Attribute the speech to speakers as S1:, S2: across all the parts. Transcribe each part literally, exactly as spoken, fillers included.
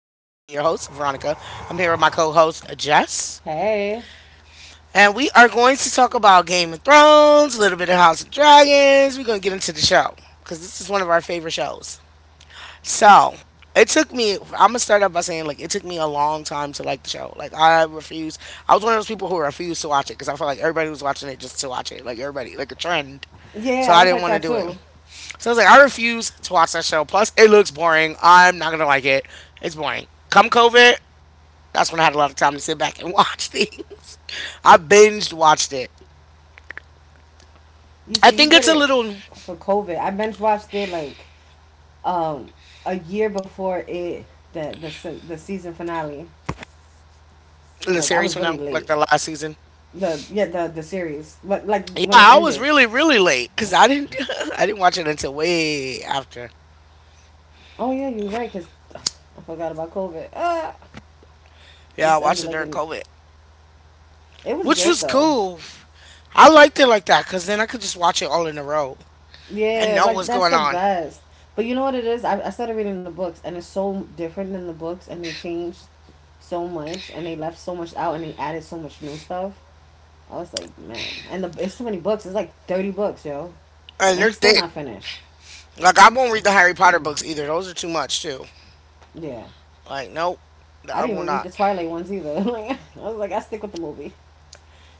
S1: your host, Veronica. I'm here with my co host, Jess.
S2: Hey.
S1: And we are going to talk about Game of Thrones, a little bit of House of Dragons. We're going to get into the show because this is one of our favorite shows. So it took me, I'm going to start off by saying, like, it took me a long time to like the show. Like, I refused. I was one of those people who refused to watch it because I felt like everybody was watching it just to watch it. Like, everybody, like a trend. So
S2: Yeah, I
S1: I
S2: was
S1: didn't
S2: like
S1: want to
S2: that
S1: do it.
S2: too.
S1: So I was like, I refuse to watch that show. Plus, it looks boring. I'm not gonna like it. It's boring. Come COVID, that's when I had a lot of time to sit back and watch things. I binged watched it.
S2: You
S1: I
S2: see, you
S1: think
S2: did
S1: it's a
S2: it
S1: little when
S2: for COVID. I binge watched it like um a year before it the the se- the season finale.
S1: the
S2: Like I
S1: series
S2: was
S1: went
S2: really
S1: out, like
S2: late.
S1: the last season.
S2: The yeah the the series, but like
S1: Yeah,
S2: when it
S1: I was
S2: ended.
S1: really, really late because I didn't, I didn't watch it until way after.
S2: Oh yeah, you're right. Cause I forgot about COVID. Ah,
S1: Yeah,
S2: this
S1: I
S2: ended
S1: watched it
S2: like
S1: during
S2: in.
S1: COVID,
S2: It was
S1: which
S2: good
S1: was
S2: though.
S1: cool. I liked it like that because then I could just watch it all in a row and
S2: Yeah,
S1: know
S2: like
S1: what's
S2: that's
S1: going
S2: the
S1: on.
S2: best. But you know what it is? I, I started reading the books, and it's so different than the books, and they changed so much, and they left so much out, and they added so much new stuff. I was like, man, and the it's too many books. It's like thirty books, yo,
S1: And
S2: and
S1: they're
S2: he's still
S1: thick.
S2: not finished.
S1: Like I won't read the Harry Potter books either. Those are too much too.
S2: Yeah,
S1: Like, nope,
S2: I
S1: I
S2: didn't
S1: will
S2: even read the
S1: not.
S2: Twilight ones either. Like, I was like, I stick with the movie.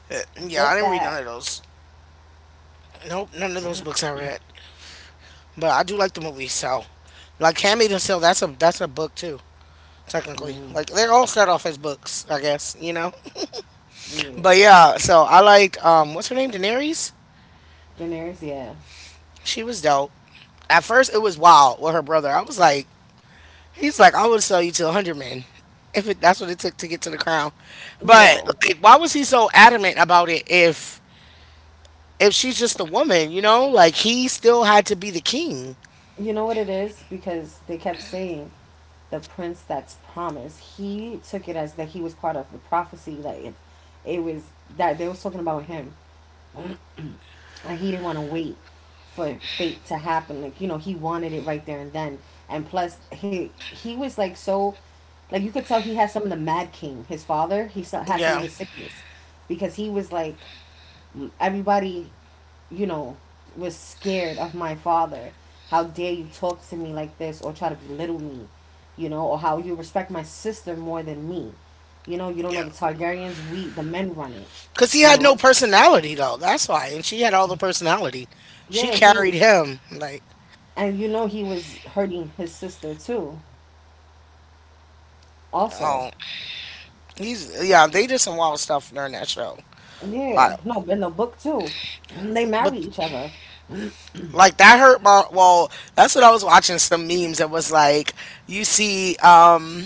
S1: Uh, yeah, I
S2: Forget
S1: didn't read
S2: that.
S1: none of those. Nope, none of those books I read. But I do like the movie, so like Handmaid's Tale, that's a that's a book too, technically.
S2: Mm,
S1: Like they all start off as books, I guess, you know.
S2: yeah,
S1: But yeah, so I liked um what's her name? Daenerys?
S2: Daenerys. Yeah,
S1: She was dope. At first it was wild with her brother. I was like he's like, I would sell you to a hundred men. If it, that's what it took to get to the crown. But
S2: yo.
S1: like why was he so adamant about it if if she's just a woman, you know, like he still had to be the king.
S2: You know what it is? Because they kept saying the prince that's promised. He took it as that he was part of the prophecy, that it, it was that they was talking about him. And he didn't want to wait for fate to happen. Like, you know, he wanted it right there and then. And plus he he was like so like you could tell he had some of the mad king, his father, he so- had some of
S1: Yeah,
S2: his sickness because he was like everybody, you know, was scared of my father. How dare you talk to me like this or try to belittle me, you know, or how you respect my sister more than me. You know, you don't know
S1: yeah.
S2: the Targaryens, we, the men run it,
S1: Cause he
S2: you
S1: had no
S2: know.
S1: personality though. That's why, and she had all the personality. She
S2: Yeah, he
S1: carried
S2: was,
S1: him. Like,
S2: and you know, he was hurting his sister too, also.
S1: oh, he's yeah. They did some wild stuff during that show.
S2: Yeah,
S1: Like,
S2: no, in the book too. They
S1: but
S2: marry each other.
S1: like that hurt my. Well, that's what I was watching. Some memes that was like, you see, um,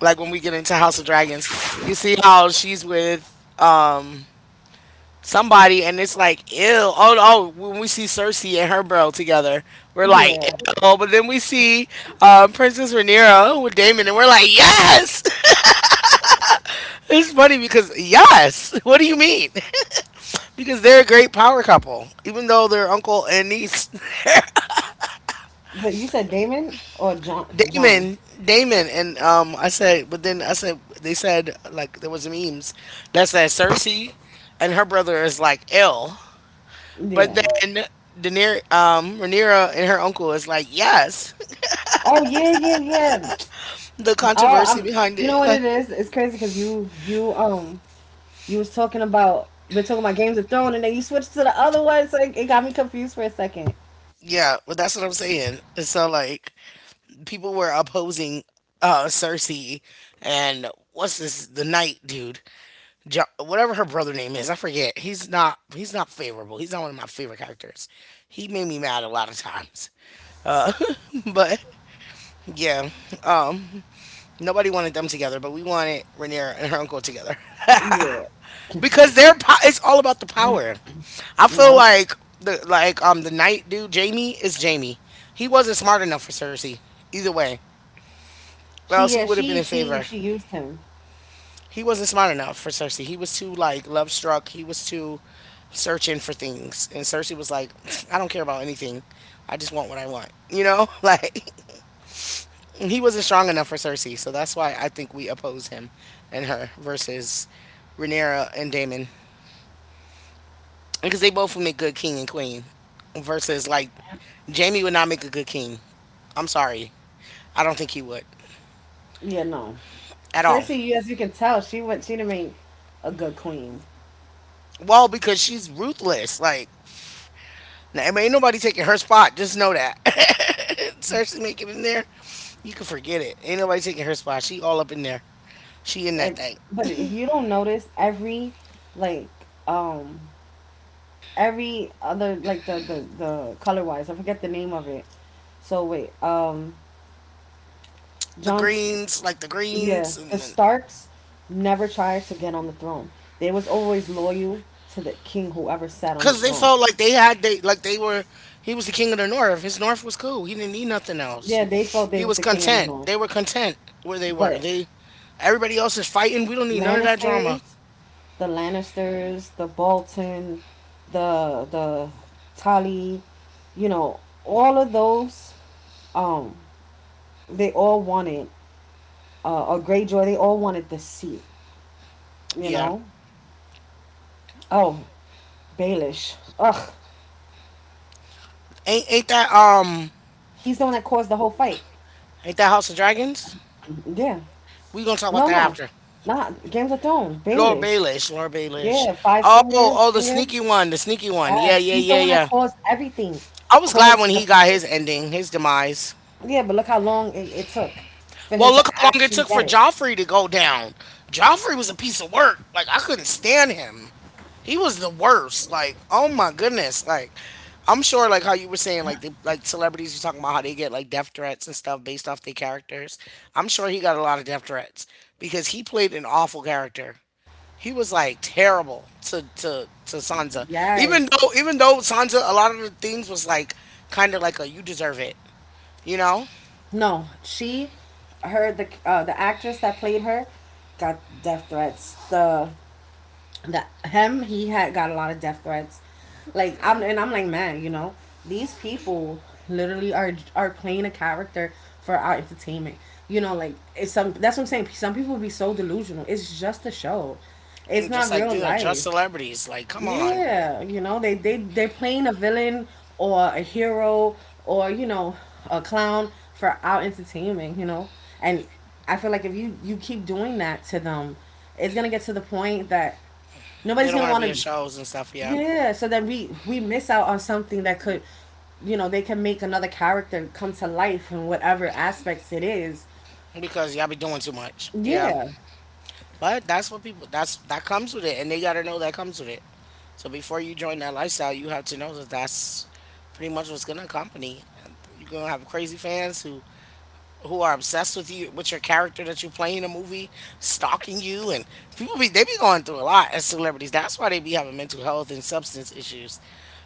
S1: like when we get into House of Dragons, you see how she's with um somebody and it's like ew, oh, oh, when we see Cersei and her bro together we're like
S2: Yeah,
S1: ew, but then we see um, Princess Rhaenyra with Daemon and we're like yes. It's funny because yes. What do you mean? Because they're a great power couple even though they're uncle and niece.
S2: but you said Damon or John? John.
S1: Daemon Daemon and um I said, but then I said they said like there was memes that said Cersei and her brother is like ill, but
S2: Yeah.
S1: then Daener- um Rhaenyra and her uncle is like yes.
S2: Oh yeah, yeah, yeah.
S1: The
S2: Oh,
S1: controversy
S2: I'm.
S1: behind
S2: You know
S1: it.
S2: what
S1: Like,
S2: it is? It's crazy because you you um you was talking about we're talking about Games of Thrones and then you switched to the other one. So it, it got me confused for a second.
S1: yeah, well, that's what I'm saying. So, like, people were opposing uh Cersei and what's this, the knight dude, jo- whatever her brother name is, I forget. He's not, he's not favorable. He's not one of my favorite characters. He made me mad a lot of times. But yeah, nobody wanted them together, but we wanted Rhaenyra and her uncle together.
S2: Yeah.
S1: Because their po- it's all about the power. I feel
S2: No.
S1: like the like um the night dude Jamie is Jamie. He wasn't smart enough for Cersei either way, or
S2: She
S1: else he
S2: yeah
S1: would have been
S2: she
S1: in
S2: she
S1: favor.
S2: she used him.
S1: He wasn't smart enough for Cersei. He was too like love struck. He was too searching for things, and Cersei was like, I don't care about anything. I just want what I want. You know, like he wasn't strong enough for Cersei, so that's why I think we oppose him and her versus Rhaenyra and Damon. Because they both would make good king and queen. Versus like Jamie would not make a good king. I'm sorry, I don't think he would
S2: Yeah no.
S1: at all.
S2: Cersei, you- as you can tell, she went. She didn't make a good queen.
S1: Well, because she's ruthless. Like, now, I mean, ain't nobody taking her spot. Just know that. Cersei make it in there, you can forget it. Ain't nobody taking her spot. She all up in there. She in that
S2: And,
S1: thing.
S2: but if you don't notice, every like um every other like the the the color wise, I forget the name of it. So wait, um,
S1: The
S2: John.
S1: greens, like the
S2: Yeah,
S1: greens,
S2: the
S1: and then
S2: Starks never tried to get on the throne. They was always loyal to the king, whoever sat on the
S1: cause they
S2: throne.
S1: felt like they had they like they were he was the king of the north. His north was cool. He didn't need nothing else.
S2: Yeah, they felt they
S1: He
S2: was
S1: was
S2: the king of the
S1: content.
S2: north.
S1: They were content where they were.
S2: But
S1: They everybody else is fighting. We don't need none of that drama.
S2: Lannisters, the Lannisters, the Bolton, the the Tully, you know, all of those, um, they all wanted uh, a Greyjoy. They all wanted the seat, you
S1: Yeah.
S2: know. Oh, Baelish. Ugh,
S1: Ain't ain't that um
S2: he's the one that caused the whole fight.
S1: ain't that House of Dragons?
S2: Yeah.
S1: We gonna talk about
S2: No,
S1: that
S2: no,
S1: after.
S2: not Games of Thrones.
S1: Laura
S2: Baelish.
S1: Baelish, Laura Baelish.
S2: Yeah, Five
S1: Oh,
S2: Finger
S1: oh, the
S2: Finger.
S1: sneaky one, the sneaky one. Yeah,
S2: Yes,
S1: yeah,
S2: he's the
S1: yeah,
S2: one that
S1: yeah.
S2: caused everything,
S1: I was glad when
S2: caused
S1: he
S2: the.
S1: got his ending, his demise.
S2: Yeah, but look how long it, it took for him
S1: Well,
S2: to
S1: look how long it
S2: actually
S1: took for
S2: get it.
S1: Joffrey to go down. Joffrey was a piece of work. Like I couldn't stand him. He was the worst. Like, oh my goodness. Like, I'm sure, like how you were saying, like they, like celebrities, you talking about how they get like death threats and stuff based off their characters. I'm sure he got a lot of death threats because he played an awful character. He was like terrible to to to Sansa. Even
S2: Yes.
S1: though even though Sansa, a lot of the things was like kind of like a you deserve it, you know,
S2: No, she, her the uh, the actress that played her, got death threats. The that him he had got a lot of death threats. Like, I'm, and I'm like, man, you know, these people literally are are playing a character for our entertainment, you know. Like it's some, that's what I'm saying, some people be so delusional. It's just a show. It's
S1: and just
S2: not
S1: like
S2: real
S1: these are just
S2: life.
S1: celebrities. Like, come on,
S2: Yeah, you know, they they they're playing a villain or a hero or, you know, a clown for our entertainment, you know. And I feel like if you you keep doing that to them, it's gonna get to the point that
S1: they
S2: nobody's
S1: don't
S2: gonna
S1: want to
S2: want
S1: be in
S2: to.
S1: shows and stuff, yeah,
S2: Yeah, so then we we miss out on something that could, you know, they can make another character come to life in whatever aspects it is.
S1: because y'all be doing too much, yeah.
S2: Yeah,
S1: But that's what people that's that comes with it, and they gotta know that comes with it. So before you join that lifestyle, you have to know that that's pretty much what's gonna accompany. And you're gonna have crazy fans who who are obsessed with you, with your character that you play in a movie, stalking you, and people be they be going through a lot as celebrities. That's why they be having mental health and substance issues.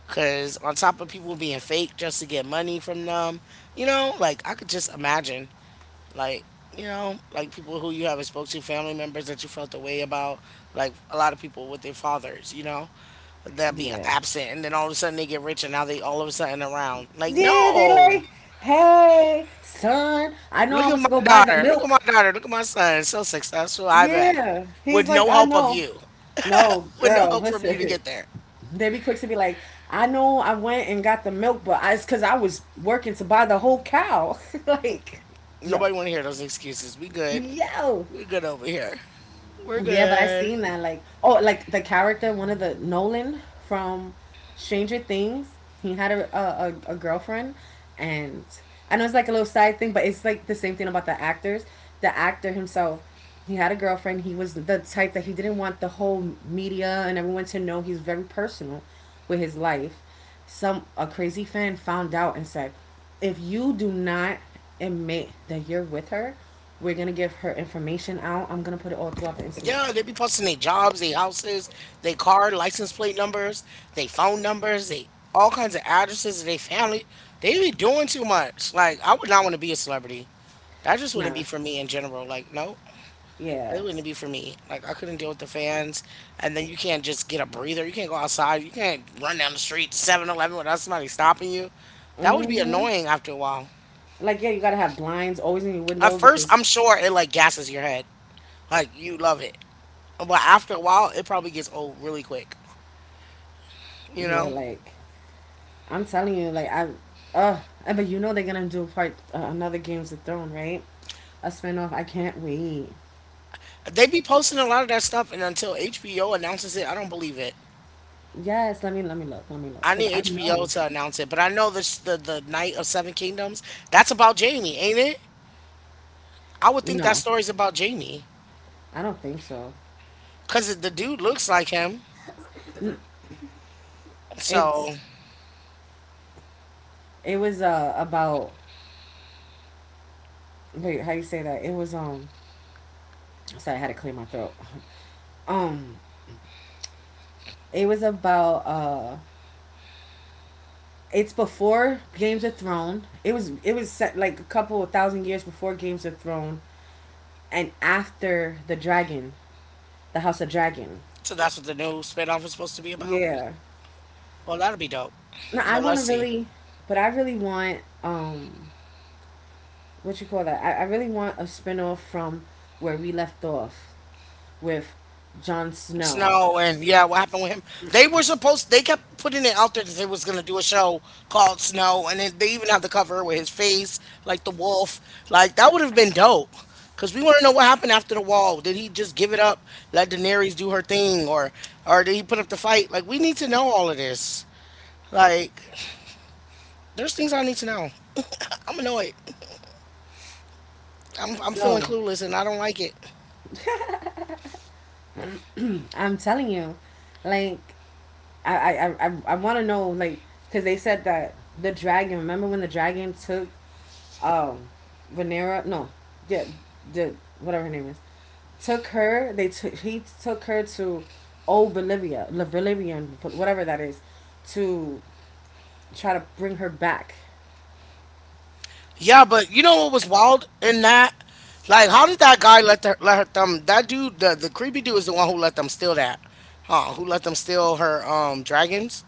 S1: Cause on top of people being fake just to get money from them, you know, like I could just imagine like you know like people who you haven't spoke to family members that you felt the way about, like a lot of people with their fathers, you know, that be
S2: yeah.
S1: absent, and then all of a sudden they get rich and now they all of a sudden around like
S2: Yeah, they
S1: no,
S2: like, hey, son, I know I
S1: look at
S2: want
S1: my
S2: to go buy the
S1: daughter, look at
S2: milk.
S1: my daughter, look at my son so successful. I bet
S2: Yeah, he's
S1: with
S2: like,
S1: no
S2: I
S1: help of
S2: know.
S1: you,
S2: No,
S1: with no
S2: girl,
S1: help from you to
S2: listen.
S1: get there.
S2: They be quick to be like, I know I went and got the milk, but I, it's because I was working to buy the whole cow. Like, yo,
S1: Nobody want to hear those excuses. We good,
S2: yo.
S1: we good over here, we're
S2: Yeah, but I
S1: good.
S2: seen that like, oh, like the character, one of the Nolan from Stranger Things. He had a a, a, a girlfriend, and I know it's like a little side thing, but it's like the same thing about the actors. The actor himself, he had a girlfriend. He was the type that he didn't want the whole media and everyone to know. He's very personal with his life. Some a crazy fan found out and said, if you do not admit that you're with her, we're gonna give her information out. I'm gonna put it all throughout the internet.
S1: Yeah, they be posting their jobs, their houses, their car license plate numbers, their phone numbers, they all kinds of addresses of their family. They be doing too much. Like I would not want to be a celebrity. That just wouldn't be
S2: Nah,
S1: for me in general. Like no,
S2: yeah.
S1: it wouldn't be for me. Like I couldn't deal with the fans, and then you can't just get a breather. You can't go outside. You can't run down the street to seven without somebody stopping you. That would be
S2: Hmm.
S1: annoying after a while.
S2: Like, yeah, you gotta have blinds always in your
S1: At
S2: window
S1: first,
S2: because
S1: I'm sure it like gasses your head. Like you love it, but after a while, it probably gets old really quick. You
S2: yeah,
S1: know,
S2: like I'm telling you, like I, uh, and but you know they're gonna do part uh, another Games of Thrones, right? A spinoff. I can't wait.
S1: they be posting a lot of that stuff, and until H B O announces it, I don't believe it.
S2: Yes, let me let me look, let me look,
S1: I
S2: cause
S1: need
S2: I
S1: H B O
S2: know.
S1: to announce it, but I know this the the Night of Seven Kingdoms. That's about Jamie, ain't it? I would think that
S2: No,
S1: story's about Jamie
S2: I don't think so.
S1: because the dude looks like him. So,
S2: It's it was uh about, wait, how you say that? It was um sorry, I had to clear my throat. Um, it was about uh, it's before Games of Thrones. It was it was set like a couple of thousand years before Games of Thrones and after the Dragon, the House of Dragon.
S1: so that's what the new spinoff is supposed to be about.
S2: Yeah.
S1: Well, that'll be dope.
S2: No, I
S1: But
S2: want to
S1: let's see.
S2: really, but I really want um, what you call that? I, I really want a spinoff from where we left off with Jon Snow.
S1: Snow, and yeah, what happened with him? They were supposed, they kept putting it out there that they was gonna do a show called Snow, and then they even have the cover with his face like the wolf. Like that would have been dope. Cause we want to know what happened after the wall. Did he just give it up, let Daenerys do her thing, or or did he put up the fight? Like we need to know all of this. Like there's things I need to know. I'm annoyed. I'm I'm feeling
S2: Yo,
S1: clueless, and I don't like it.
S2: I'm telling you, like I I I, I want to know like because they said that the dragon. Remember when the dragon took um Venera? No, yeah, the whatever her name is took her. They took he took her to old Bolivia, La whatever that is, to try to bring her back.
S1: Yeah, but you know what was wild in that? Like, how did that guy let her let her thumb? That dude, the the creepy dude, is the one who let them steal that, huh? Who let them steal her um dragons?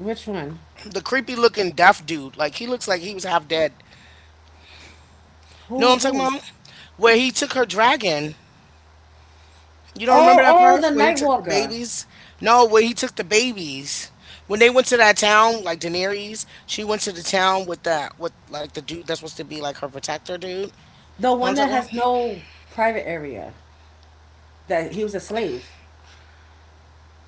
S2: Which one?
S1: The creepy looking deaf dude, like he looks like he was half dead. You know what
S2: Who
S1: I'm talking
S2: who?
S1: about? Where he took her dragon. You don't
S2: Oh,
S1: remember that
S2: oh,
S1: part
S2: the
S1: where he took the
S2: Nightwalker,
S1: babies? No, where he took the babies. When they went to that town, like Daenerys, she went to the town with that with like the dude that's supposed to be like her protector dude. You know
S2: the
S1: what I'm
S2: one
S1: talking
S2: that
S1: about?
S2: has no private area. That he was a slave.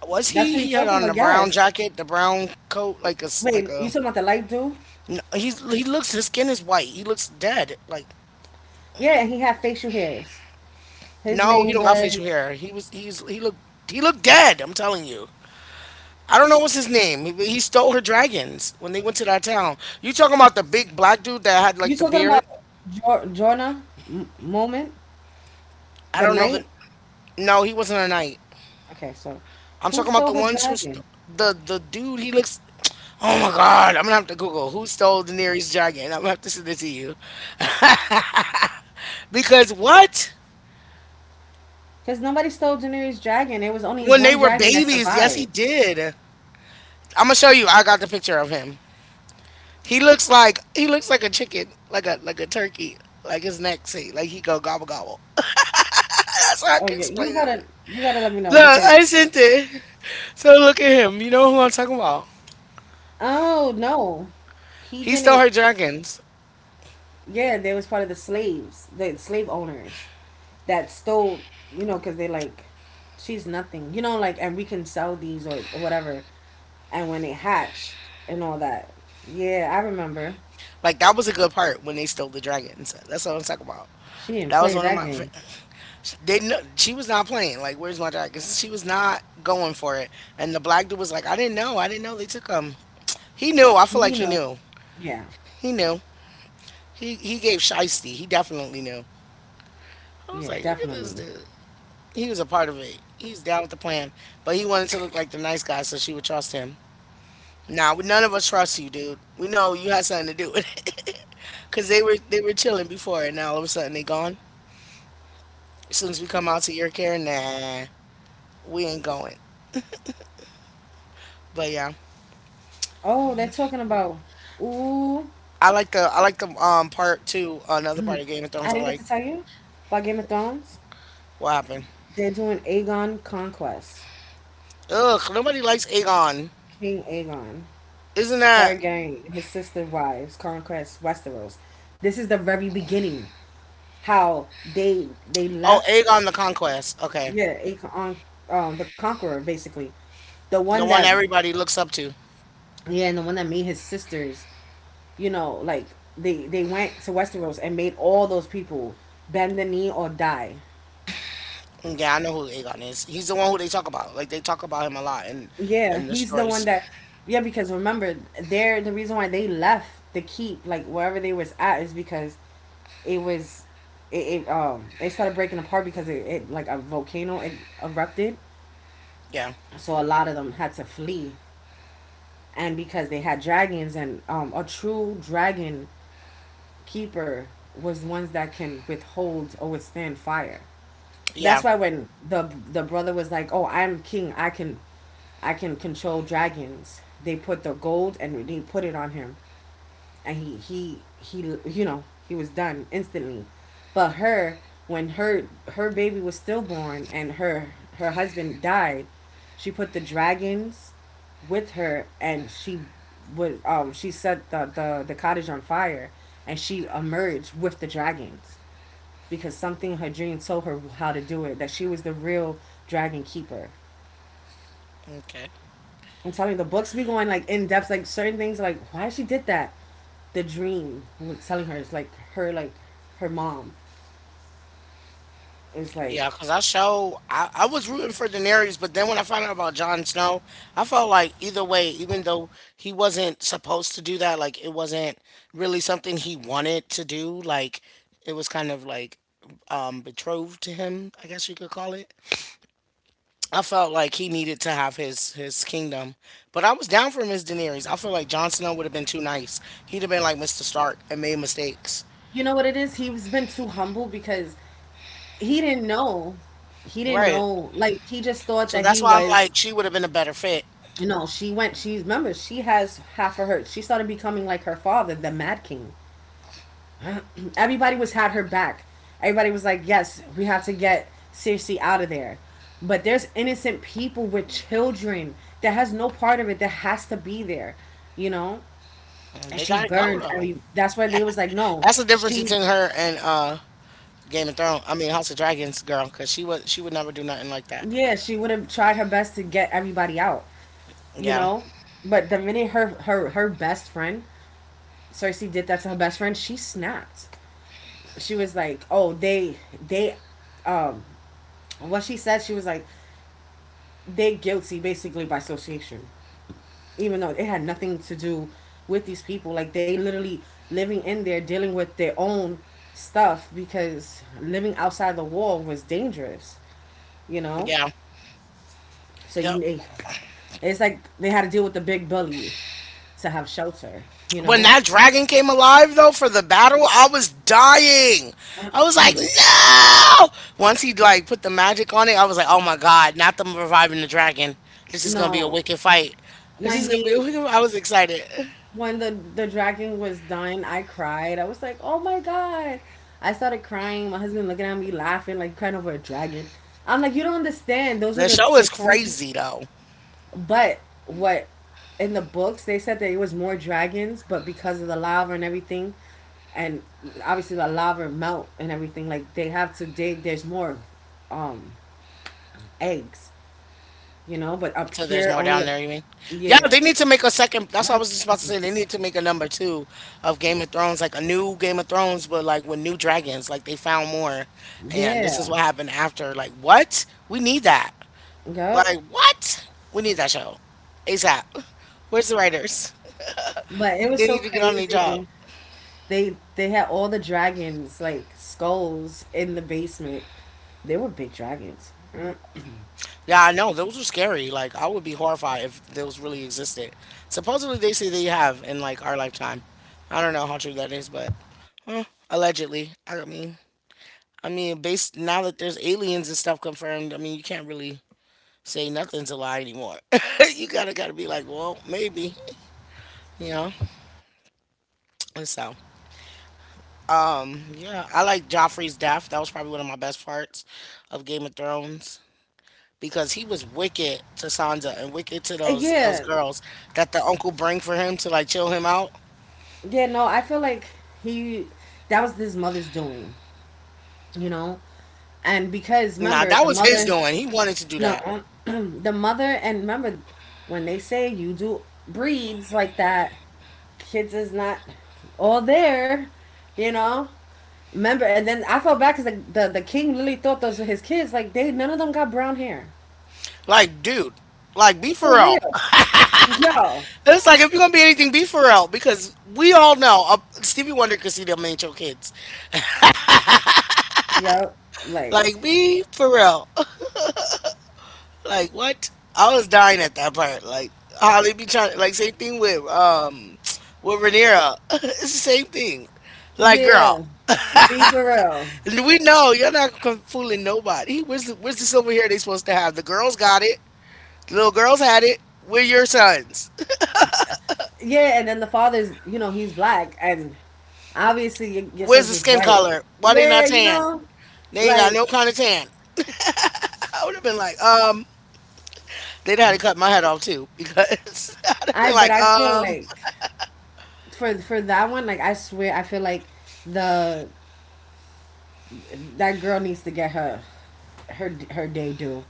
S1: Was
S2: That's
S1: he?
S2: what you're
S1: He had
S2: talking
S1: on the
S2: about.
S1: brown
S2: Yes.
S1: jacket, the brown coat, like a s- like
S2: Wait, you
S1: a.
S2: talking about the light dude?
S1: n- He's he looks. His skin is white. He looks dead. Like
S2: Yeah, and he had facial hairs. His
S1: no, he
S2: name
S1: don't got facial
S2: was.
S1: hair. He was he's he looked he looked dead. I'm telling you. I don't know what's his name. He, he stole her dragons when they went to that town. You talking about the big black dude that had
S2: You
S1: like the
S2: talking about
S1: beard?
S2: jo- Jorna M- moment?
S1: I
S2: The
S1: don't know the.
S2: night?
S1: No, he wasn't a knight.
S2: Okay, so
S1: I'm
S2: who
S1: talking about
S2: stole
S1: the
S2: her
S1: ones who st-
S2: dragon?
S1: the the dude. He looks. Oh my god! I'm gonna have to Google who stole Daenerys' dragon. I'm gonna have to send it to you because what?
S2: Because nobody stole Daenerys' dragon. There was only
S1: When they
S2: one
S1: were
S2: dragon that
S1: babies, yes, he
S2: survived.
S1: did. I'm gonna show you. I got the picture of him. He looks like he looks like a chicken, like a like a turkey, like his neck seat, like he go gobble gobble. That's how I
S2: Oh
S1: can
S2: yeah, you
S1: explain it.
S2: gotta you gotta let me know
S1: Look,
S2: because
S1: I sent it. So look at him. You know who I'm talking about?
S2: oh no, he
S1: He stole
S2: didn't.
S1: her dragons.
S2: Yeah, they was part of the slaves, the slave owners that stole. You know, because they like, she's nothing. You know, like, and we can sell these or whatever. And when they hatched and all that. Yeah, I remember.
S1: Like that was a good part when they stole the dragons. That's what I'm talking about.
S2: She didn't
S1: That was
S2: play
S1: one of
S2: that
S1: my.
S2: game.
S1: Didn't she was not playing. Like where's my dragons? She was not going for it. And the black dude was like, I didn't know. I didn't know they took them. He knew. I feel like
S2: You
S1: he
S2: know.
S1: knew.
S2: Yeah.
S1: He knew. He he gave Shiesty. He definitely knew. I was
S2: Yeah,
S1: like, look at this
S2: definitely.
S1: dude. He was a part of it. He's down with the plan, but he wanted to look like the nice guy so she would trust him. Nah, we, none of us trust you, dude. We know you had something to do with it. Cause they were they were chilling before, and now all of a sudden they gone. As soon as we come out to your care, nah, we ain't going. But yeah,
S2: Oh, they're talking about. Ooh,
S1: I like the I like the um part two. Another part of Game of Thrones
S2: I
S1: I
S2: didn't get
S1: like.
S2: to tell you about Game of Thrones.
S1: What happened?
S2: They're doing Aegon Conquest.
S1: Ugh, nobody likes Aegon.
S2: King Aegon,
S1: Isn't that?
S2: Targaryen, his sister wives, Conquest, Westeros. This is the very beginning. How they they
S1: Oh,
S2: left.
S1: Aegon the Conquest. Okay.
S2: Yeah, Aegon, um, the Conqueror, basically the
S1: The
S2: one
S1: one
S2: that,
S1: everybody looks up to.
S2: yeah, and the one that made his sisters, you know, like they they went to Westeros and made all those people bend the knee or die.
S1: Yeah, I know who Aegon is. He's the one who they talk about. Like they talk about him a lot in
S2: Yeah,
S1: in the
S2: he's the one
S1: stories.
S2: that, yeah, because remember they're the reason why they left the keep, like wherever they was at is because it was it, it um it started breaking apart because it, it like a volcano it erupted.
S1: Yeah,
S2: So a lot of them had to flee. And because they had dragons and um a true dragon keeper was ones that can withhold or withstand fire.
S1: yeah,
S2: That's why when the the brother was like, "Oh, I'm king. I can, I can control dragons." They put the gold and they put it on him, and he he he you know he was done instantly. But her when her her baby was stillborn and her her husband died, she put the dragons with her and she would um she set the the, the cottage on fire and she emerged with the dragons because something her dream told her how to do it. That she was the real dragon keeper.
S1: okay,
S2: I'm telling you, the books be going like in depth, like certain things, like why she did that. The dream was telling her, it's like her, like her mom is like,
S1: yeah. Cause I show I, I was rooting for Daenerys, but then when I found out about Jon Snow, I felt like either way, even though he wasn't supposed to do that, like it wasn't really something he wanted to do. Like it was kind of like um betrothed to him, I guess you could call it. I felt like he needed to have his his kingdom, but I was down for Miss Daenerys. I feel like Jon Snow would have been too nice. He'd have been like mister Stark and made mistakes.
S2: you know what it is. He's been too humble because he didn't know. He didn't
S1: Right.
S2: know. Like he just thought
S1: So
S2: that he
S1: that's why I'm
S2: was.
S1: like she would have been a better fit.
S2: You know, she went. She remember she has half of her. She started becoming like her father, the Mad King. Everybody was had her back. Everybody was like, "Yes, we have to get Cersei out of there." But there's innocent people with children that has no part of it that has to be there, you know. And
S1: They
S2: she
S1: gotta go
S2: burned
S1: though.
S2: every. That's why they was like, "No,
S1: That's the difference
S2: she,
S1: between her and uh Game of Thrones. I mean House of Dragons girl, because she was she would never do nothing like that.
S2: yeah, she would have tried her best to get everybody out, you
S1: Yeah.
S2: know." But the minute her her her best friend Cersei did that to her best friend, she snapped. She was like, "Oh, they they um what she said, she was like, they guilty basically by association, even though it had nothing to do with these people. Like they literally living in there dealing with their own stuff because living outside the wall was dangerous, you know.
S1: Yeah.
S2: So you
S1: Yep.
S2: they, it's like they had to deal with the big bully to have shelter, you
S1: When
S2: know.
S1: that dragon came alive, though, for the battle, I was dying. I was like, no! Once he like put the magic on it, I was like, oh my god, not them reviving the dragon. This is gonna be a
S2: No,
S1: wicked fight. This
S2: when
S1: is gonna be a
S2: he
S1: wicked. I was excited.
S2: when the the dragon was done, I cried. I was like, "Oh my god!" I started crying. My husband looking at me laughing, like crying over a dragon. I'm like, "You don't understand. Those are
S1: The
S2: the
S1: show
S2: the
S1: is
S2: three."
S1: crazy though.
S2: But what in the books, they said that it was more dragons, but because of the lava and everything, and obviously the lava melt and everything, like they have to dig. There's more um eggs, you know, but a
S1: So there's
S2: pure
S1: more
S2: only
S1: down
S2: a.
S1: there, you mean? Yeah,
S2: Yeah.
S1: they need to make a second. That's what I was just about to say. They need to make a number two of Game of Thrones, like a new Game of Thrones, but like with new dragons. Like they found more, and this is
S2: Yeah.
S1: what happened after. Like what? We need that.
S2: Yep.
S1: Like, what? We need that show. ASAP. Where's the writers?
S2: But
S1: We,
S2: it was
S1: they
S2: so
S1: need to get on their job.
S2: crazy. They they had all the dragons like skulls in the basement. They were big dragons.
S1: Yeah, I know. Those are scary. Like, I would be horrified if those really existed. Supposedly, they say they have in, like, our lifetime. I don't know how true that is, but allegedly. I mean, I mean, based now that there's aliens and stuff confirmed, I mean, you can't really say nothing's a lie anymore. you gotta gotta be like, well, maybe, you know. And So Um, yeah, I like Joffrey's death. That was probably one of my best parts of Game of Thrones because he was wicked to Sansa and wicked to
S2: Uh,
S1: those those
S2: Yeah,
S1: girls that the uncle bring for him to like chill him out.
S2: yeah. No, I feel like he that was his mother's doing. You know, and because
S1: Nah,
S2: remember
S1: that
S2: the
S1: was his
S2: mother.
S1: doing. He wanted to do that.
S2: No. The mother, and remember when they say you do breeds like that, kids is not all there, you know. Remember? And then I felt bad because the, the, the king literally thought those were his kids. Like, they, none of them got brown hair.
S1: Like, dude, like be for
S2: For
S1: real.
S2: real. Yo.
S1: It's like if you're gonna be anything, be for real because we all know uh, Stevie Wonder could see them ain't your kids.
S2: Yep. Like,
S1: Like, be for real. Like what? I was dying at that part. Like how they be trying. Like same thing with um with Rhaenyra. It's the same thing. Like girl,
S2: yeah. Be for real.
S1: we know you're not con- fooling nobody. Where's the where's the silver hair they supposed to have? The girls got it. The little girls had it. We're your sons.
S2: Yeah, and then the father's, you know, he's black, and obviously your, your
S1: Where's
S2: son's
S1: the
S2: is
S1: skin
S2: white.
S1: color? Why they not
S2: Yeah, you
S1: tan?
S2: know,
S1: They ain't got
S2: like
S1: no kind of tan. I would have been like, um, they'd had to cut my head off too because I'd have
S2: I,
S1: been
S2: but
S1: like,
S2: I feel
S1: um,
S2: like for for that one, like I swear, I feel like the that girl needs to get her her her day due.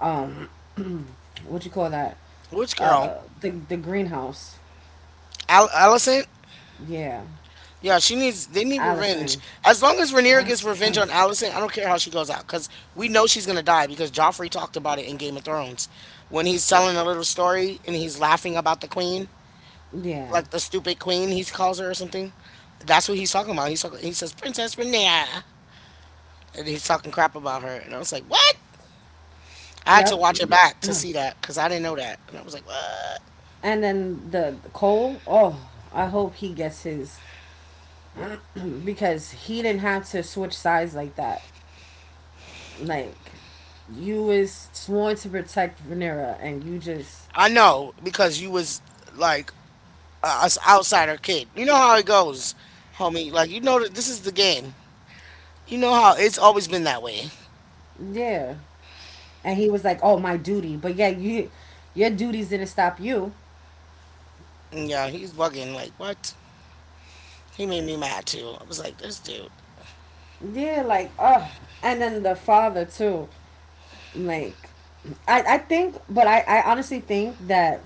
S2: Um, what you call that?
S1: which girl?
S2: Uh, the the greenhouse.
S1: Al- Allison?
S2: Yeah,
S1: Yeah, she needs. They need revenge.
S2: Allison.
S1: As long as Rhaenyra gets revenge on Allison, I don't care how she goes out, because we know she's gonna die. Because Joffrey talked about it in Game of Thrones, when he's telling a little story and he's laughing about the queen,
S2: Yeah.
S1: like the stupid queen he calls her or something. That's what he's talking about. He's talking, he says Princess Rhaenyra, and he's talking crap about her. And I was like, what? I had to
S2: Yep.
S1: watch it back to see that, because I didn't know that, and I was like, what?
S2: And then the, the Cole, oh, I hope he gets his, because he didn't have to switch sides like that. Like, you was sworn to protect Venera, and you just...
S1: I know because you was like uh, us outsider kid. You know how it goes, homie. Like you know that this is the game. You know how it's always been that way.
S2: yeah. And he was like, "Oh, my duty." But yeah, you your duties didn't stop you.
S1: Yeah, he's bugging. Like what? He made me mad too. I was like, this dude.
S2: Yeah, like oh. And then the father too. Like, I I think but I I honestly think that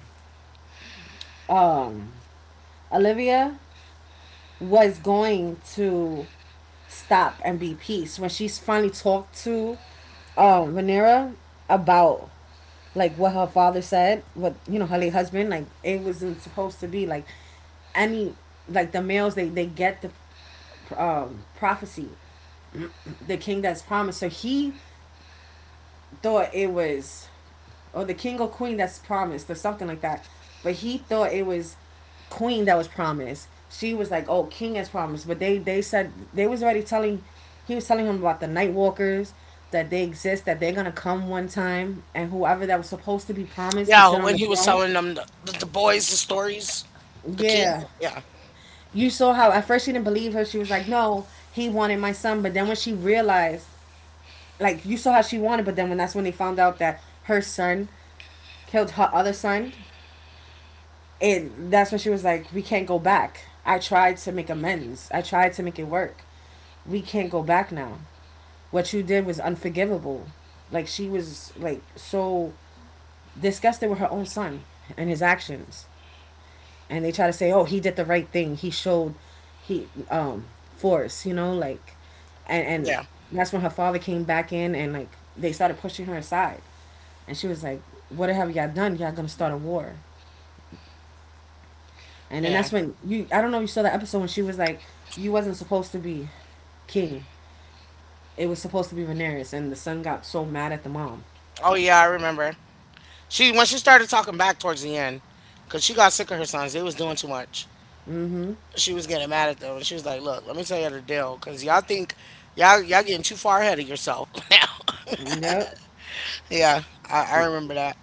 S2: um Olivia was going to stop and be peace when she's finally talked to um Venera about like what her father said, what you know, her late husband. Like, it wasn't supposed to be like any... like the males, they, they get the um prophecy, the king that's promised. So he thought it was, or the king or queen that's promised, or something like that. But he thought it was queen that was promised. She was like, "Oh, king has promised," but they they said they was already telling. He was telling him about the night walkers, that they exist, that they're gonna come one time, and whoever that was supposed to be promised to
S1: Yeah,
S2: sit on
S1: when
S2: the
S1: he was
S2: throne.
S1: telling them the, the, the boys the stories, the king.
S2: Yeah,
S1: Yeah,
S2: you saw how at first she didn't believe her. She was like, "No, he wanted my son," but then when she realized, like, you saw how she wanted, but then when that's when they found out that her son killed her other son. And that's when she was like, we can't go back. I tried to make amends. I tried to make it work. We can't go back now. What you did was unforgivable. Like, she was like so disgusted with her own son and his actions. And they try to say, "Oh, he did the right thing. He showed he um force, you know, like and and
S1: yeah,
S2: that's when her father came back in, and like they started pushing her aside. And she was like, "What have y'all done? Y'all going to start a war." And then
S1: yeah.
S2: that's when you... I don't know if you saw that episode when she was like, you wasn't supposed to be king. It was supposed to be Daenerys, and the son got so mad at the mom.
S1: Oh yeah, I remember. She when she started talking back towards the end, cause she got sick of her sons. They was doing too much. She was getting mad at them, and she was like, "Look, let me tell you the deal, cause y'all think y'all y'all getting too far ahead of yourself now."
S2: Yep.
S1: Yeah, I, I remember that.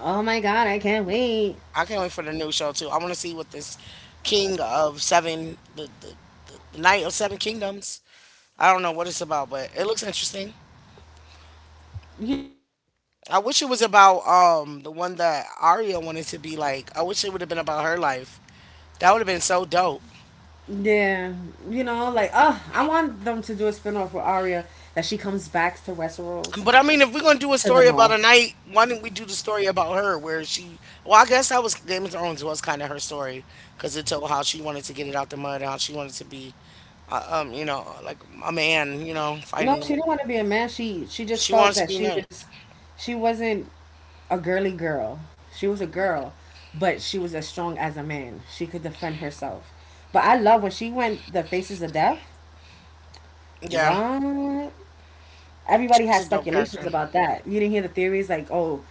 S2: Oh my god, I can't wait.
S1: I can't wait for the new show too. I want to see what this King of Seven, the, the the the Knight of Seven Kingdoms. I don't know what it's about, but it looks interesting. I wish it was about um the one that Arya wanted to be like. I wish it would have been about her life. That would have been so dope.
S2: Yeah. You know, like oh, I want them to do a spin off with Arya, that she comes back to Westeros
S1: But I mean, if we're gonna do a
S2: to the
S1: story about a
S2: north.
S1: knight, why didn't we do the story about her, where she? Well, I guess that was Game of Thrones was kind of her story, because it told how she wanted to get it out the mud and how she wanted to be uh, um, you know, like a man, you know,
S2: No,
S1: fighting the
S2: she
S1: war.
S2: didn't want to be a man. She she just
S1: She
S2: felt
S1: wants to
S2: that
S1: be
S2: she
S1: knight.
S2: was she wasn't a girly girl. She was a girl, but she was as strong as a man. She could defend herself. But I love when she went the faces of death.
S1: Yeah,
S2: What? Everybody
S1: she was
S2: has
S1: a dope
S2: speculations
S1: character.
S2: about that. You didn't hear the theories? Like, oh,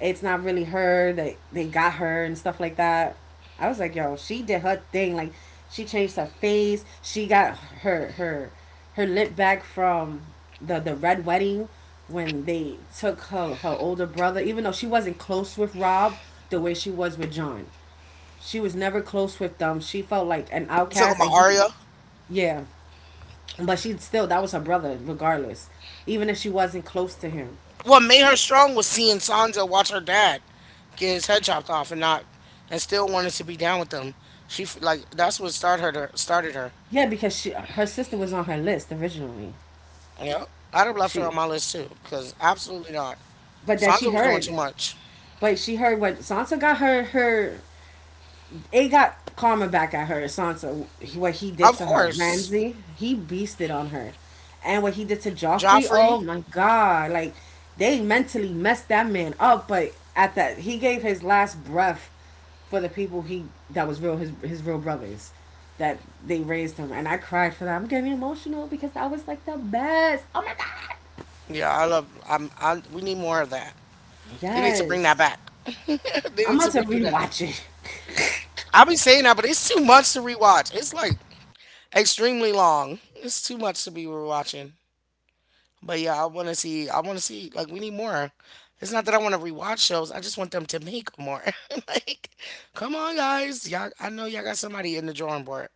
S2: it's not really her that they, they got her and stuff like that. I was like, yo, she did her thing. Like, she changed her face. She got her her her lip back from the the red wedding when they took her her older brother. Even though she wasn't close with Rob the way she was with John, she was never close with them. She felt like an
S1: You talking
S2: outcast, and
S1: about
S2: he...
S1: Arya?
S2: yeah, but she still, that was her brother, regardless. Even if she wasn't close to him.
S1: What made her strong was seeing Sansa watch her dad get his head chopped off and not, and still wanted to be down with them. She f- like that's what started her. to- Started her.
S2: Yeah, because she, her sister was on her list originally.
S1: Yeah, I'd have left her
S2: She
S1: on my list too because absolutely not.
S2: But that, she
S1: Sansa was doing too
S2: heard.
S1: much.
S2: But she heard what Sansa got her her it got karma back at her, Sansa. What he did
S1: Of
S2: to her,
S1: course,
S2: Ramsay, he beasted on her, and what he did to Joffrey.
S1: Joffrey.
S2: Oh my God! Like, they mentally messed that man up. But at that, he gave his last breath for the people he... that was real, his his real brothers that... they raised him, and I cried for that. I'm getting emotional because that was like the best. Oh my God!
S1: Yeah, I love. I'm. I. We need more of that. They need to bring that
S2: Yes,
S1: back. They
S2: I'm
S1: need
S2: about
S1: to
S2: to
S1: redo that.
S2: rewatch it.
S1: I be saying that, but it's too much to rewatch. It's like extremely long. It's too much to be rewatching. But yeah, I want to see. I want to see. Like we need more. It's not that I want to rewatch shows. I just want them to make more. Like, come on, guys. Y'all, I know y'all got somebody in the drawing board.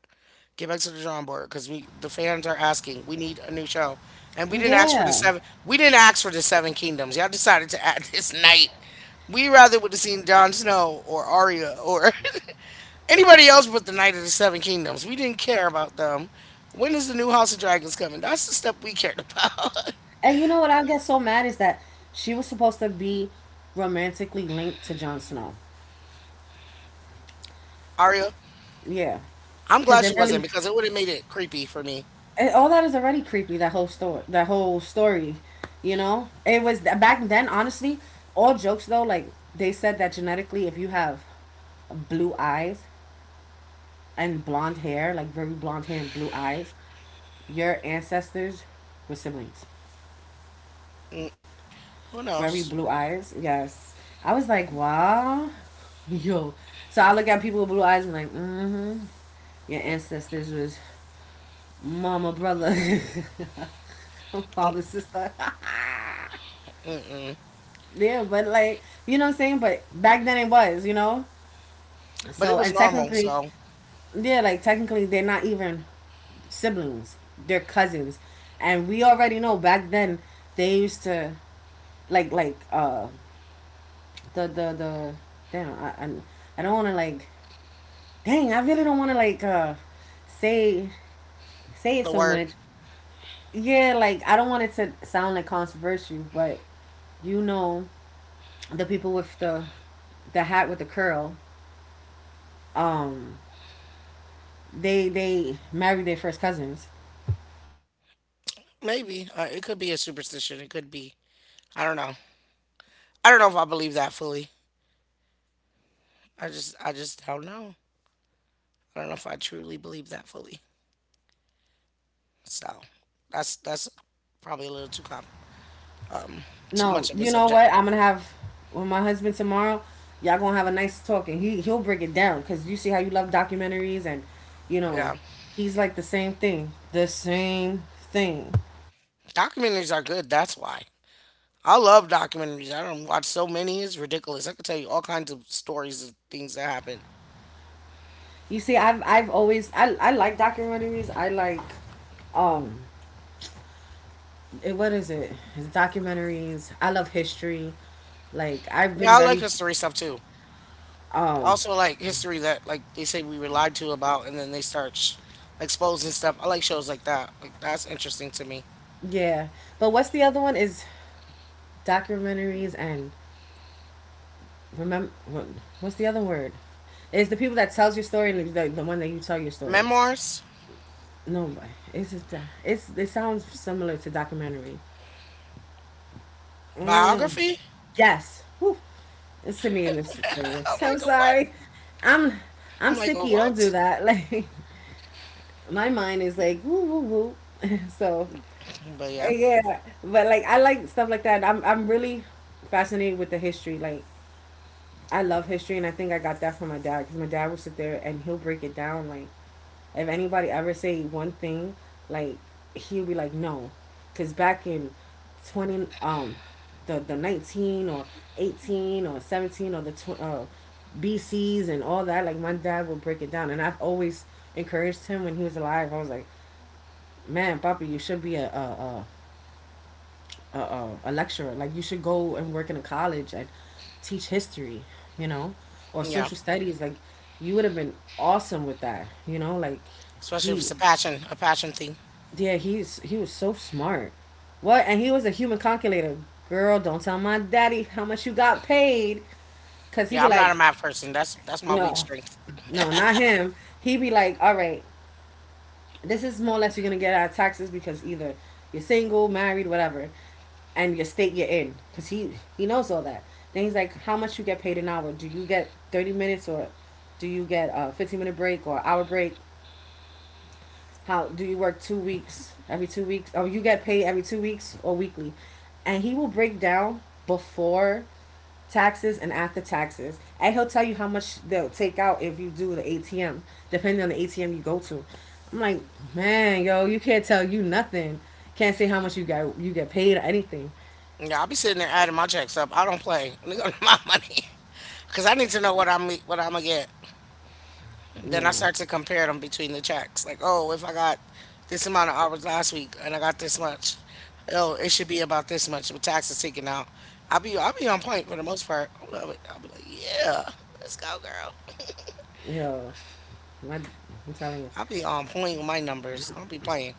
S1: Get back to the drawing board because we the fans are asking. We need a new show, and we didn't ask for the
S2: Yeah.
S1: seven. We didn't ask for the Seven Kingdoms. Y'all decided to add this night. We rather would have seen Jon Snow or Arya or anybody else but the Knight of the Seven Kingdoms. We didn't care about them. When is the new House of Dragons coming? That's the stuff we cared about.
S2: And you know what I get so mad is that she was supposed to be romantically linked to Jon Snow.
S1: Arya,
S2: Yeah.
S1: I'm
S2: Cuz
S1: glad
S2: they are
S1: she
S2: really...
S1: wasn't because it would have made it creepy for me.
S2: eh, all that is already creepy, that whole story, that whole story, you know? It was back then, honestly, all jokes though, like, they said that genetically if you have blue eyes and blonde hair, like very blonde hair and blue eyes, your ancestors were siblings.
S1: Mm, who
S2: Very
S1: knows?
S2: blue eyes. Yes. I was like, wow. Yo. So I look at people with blue eyes and I'm like, mm-hmm. Your ancestors was mama, brother,
S1: Um,
S2: father, sister.
S1: Mm-mm.
S2: Yeah, but like, you know what I'm saying? But back then it was, you know?
S1: But it
S2: So,
S1: was
S2: and
S1: normal,
S2: technically,
S1: so
S2: yeah, like technically, they're not even siblings. They're cousins. And we already know back then they used to, like like uh the the the damn, I I, I don't want to like... dang, I really don't want to like, uh, say say it
S1: the
S2: so
S1: word
S2: much. Yeah, like I don't want it to sound like controversial, but you know, the people with the the hat with the curl, um, they they married their first cousins.
S1: maybe uh, it could be a superstition. It could be. I don't know. I don't know if I believe that fully. I just I just don't know. I don't know if I truly believe that fully. So that's that's probably a little too com- um too
S2: No,
S1: much of a
S2: you know
S1: subject.
S2: what? I'm gonna have with my husband tomorrow. Y'all gonna have a nice talk, and he he'll break it down because you see how you love documentaries, and you know,
S1: Yeah.
S2: he's like the same thing, the same thing.
S1: Documentaries are good. That's why I love documentaries. I don't watch so many. It's ridiculous. I could tell you all kinds of stories of things that happen.
S2: You see, I've I've always I I like documentaries. I like um it, what is it it's documentaries. I love history. Like, I've been
S1: Yeah, I like
S2: very...
S1: history stuff too. Also like history that like they say we were lied to about, and then they start sh- exposing stuff. I like shows like that. Like that's interesting to me.
S2: yeah, but what's the other one is documentaries, and remember what's the other word? It's the people that tells your story, and the, the one that you tell your story.
S1: Memoirs,
S2: No, but it's just, uh, it's it sounds similar to documentary. Mm,
S1: biography.
S2: yes. Whew. It's to me, and this is
S1: I'm
S2: serious, I'm
S1: like a what?
S2: sorry. i'm I'm
S1: I'm like a
S2: sicky, don't do
S1: what?
S2: that. Like, my mind is like woo woo woo. So...
S1: But yeah,
S2: Yeah, but like, I like stuff like that. I'm I'm really fascinated with the history. Like, I love history, and I think I got that from my dad because my dad will sit there and he'll break it down. Like, if anybody ever say one thing, like, he'll be like, no, because back in twenty, um the the nineteen or eighteen or seventeen or the tw- uh, B Cs and all that. Like, my dad will break it down, and I've always encouraged him when he was alive. I was like, man, Papa, you should be a a, a a, a, a lecturer. Like, you should go and work in a college and teach history, you know, or
S1: yeah.
S2: social studies. Like, you would have been awesome with that, you know. Like,
S1: Especially if it's
S2: he,
S1: a passion, a passion thing.
S2: yeah, he's he was so smart. What? And he was a human calculator. Girl, don't tell my daddy how much you got paid, cause he
S1: Yeah,
S2: be
S1: I'm not
S2: like...
S1: a math person. That's that's my weak
S2: no,
S1: string.
S2: no, not him. He be like, all right, this is more or less you're gonna get out of taxes because either you're single, married, whatever, and your state you're in. Cause he he knows all that. Then he's like, how much you get paid an hour? Do you get thirty minutes or do you get a fifteen minute break or hour break? How do you work two weeks every two weeks? Oh, you get paid every two weeks or weekly, and he will break down before taxes and after taxes. And he'll tell you how much they'll take out if you do the A T M, depending on the A T M you go to. I'm like, man, yo, you can't tell you nothing. Can't say how much you got you get paid or anything.
S1: Yeah, I'll be sitting there adding my checks up. I don't play. Nigga, my money. Cause I need to know what I'm what I'm gonna get. Then I
S2: Yo,
S1: start to compare them between the checks. Like, oh, if I got this amount of hours last week and I got this much, oh, it should be about this much with taxes taken out. I'll be I'll be on point for the most part. I love it. I'll be like, yeah, let's go, girl.
S2: yo, my, I'm telling you.
S1: I'll be on point with my numbers. I don't be playing.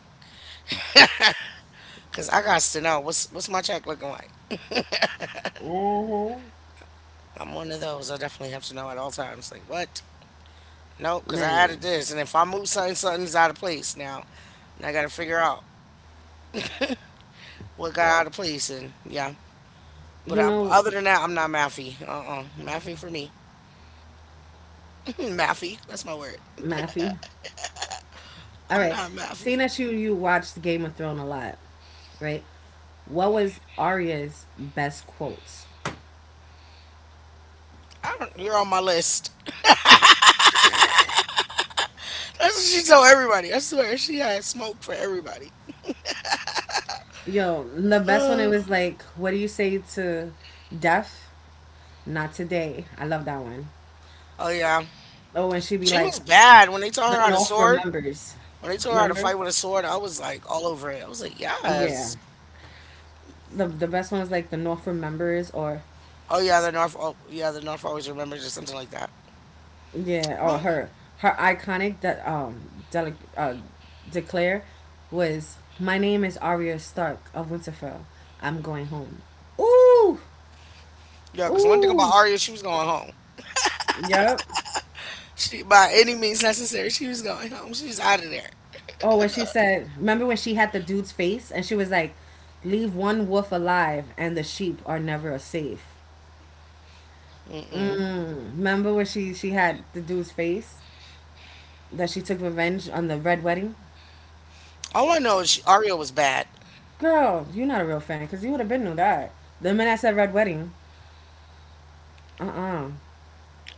S1: Cause I got to know what's what's my check looking like.
S2: Mm-hmm.
S1: I'm one of those. I definitely have to know at all times. Like, what? No, because I
S2: Man,
S1: added this, and if I move something, something's out of place now. And I got to figure out what got out, right, of place, and yeah. But
S2: you
S1: I,
S2: know,
S1: other than that, I'm not Maffy. Uh-uh. Maffy for me. Maffy. That's my word.
S2: Matthew. All
S1: I'm
S2: right,
S1: not Maffy.
S2: seeing that you you watched Game of Thrones a lot, right? What was Arya's best quotes?
S1: I don't, you're on my list. That's what she told everybody. I swear, she had smoke for everybody.
S2: Yo, the best one it was like, what do you say to death? Not today. I love that one.
S1: Uh, oh, yeah.
S2: Oh, and she'd be
S1: She
S2: like,
S1: was bad. When they taught
S2: the
S1: her how to
S2: North
S1: sword,
S2: remembers.
S1: when they taught her how to
S2: Remember?
S1: fight with a sword, I was like all over it. I was like,
S2: Yeah.
S1: yes.
S2: The the best one was like the North remembers or
S1: Oh, yeah, the North, oh, yeah, the North always remembers or something like that.
S2: yeah, or her her iconic that um dele- uh, declare was my name is Arya Stark of Winterfell. I'm going home. Ooh,
S1: Yeah, because one thing about
S2: ooh.
S1: Aria, she was going home.
S2: Yep.
S1: She, by any means necessary, she was going home. She was out of there.
S2: Oh, when she said, remember when she had the dude's face and she was like, "Leave one wolf alive and the sheep are never safe."
S1: Mm-mm.
S2: Mm, remember when she she had the dude's face that she took revenge on the red wedding?
S1: All I know is she, Aria was bad.
S2: Girl, you're not a real fan because you would have been knew that. The minute I said red wedding, uh uh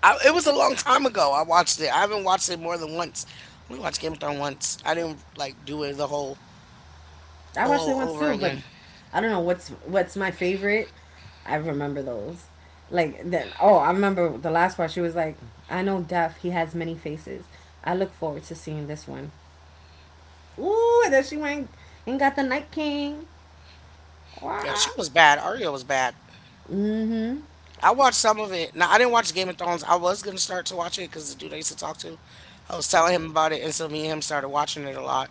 S1: I, it was a long time ago. I watched it. I haven't watched it more than once. I only watched Game of Thrones once. I didn't like do it the whole
S2: I watched it
S1: all
S2: once
S1: over
S2: too, but
S1: again.
S2: I don't know what's what's my favorite. I remember those. Like then, oh, I remember the last part. She was like, "I know death. He has many faces. I look forward to seeing this one." Ooh, and then she went and got the Night King.
S1: Yeah, she
S2: Wow.
S1: was bad. Aria was bad.
S2: Mm-hmm.
S1: I watched some of it. Now I didn't watch Game of Thrones. I was gonna start to watch it because the dude I used to talk to, I was telling him about it, and so me and him started watching it a lot.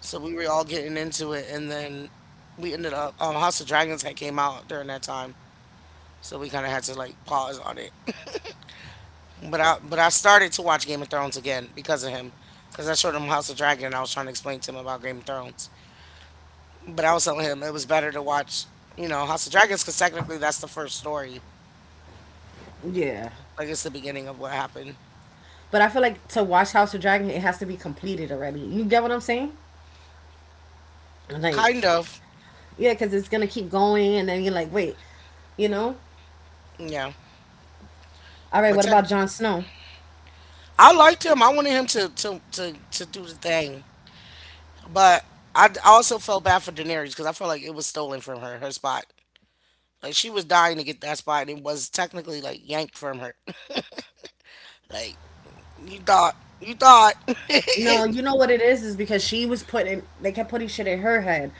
S1: So we were all getting into it, and then we ended up um, House of Dragons had came out during that time, so we kind of had to like pause on it. But I but I started to watch Game of Thrones again because of him, because I showed him House of Dragon, and I was trying to explain to him about Game of Thrones, but I was telling him it was better to watch, you know, House of Dragons because technically that's the first story,
S2: Yeah.
S1: like it's the beginning of what happened,
S2: But I feel like to watch House of Dragon, it has to be completed already. You get what I'm saying? Like,
S1: kind of,
S2: yeah, because it's gonna keep going, and then you're like, wait, you know?
S1: yeah.
S2: All right,
S1: But
S2: what
S1: tech,
S2: about Jon Snow?
S1: I liked him. I wanted him to to to to do the thing. But I d- also felt bad for Daenerys because I felt like it was stolen from her, her spot. Like she was dying to get that spot, and it was technically like yanked from her. Like you thought, you thought,
S2: No, you know what it is is because she was putting they kept putting shit in her head.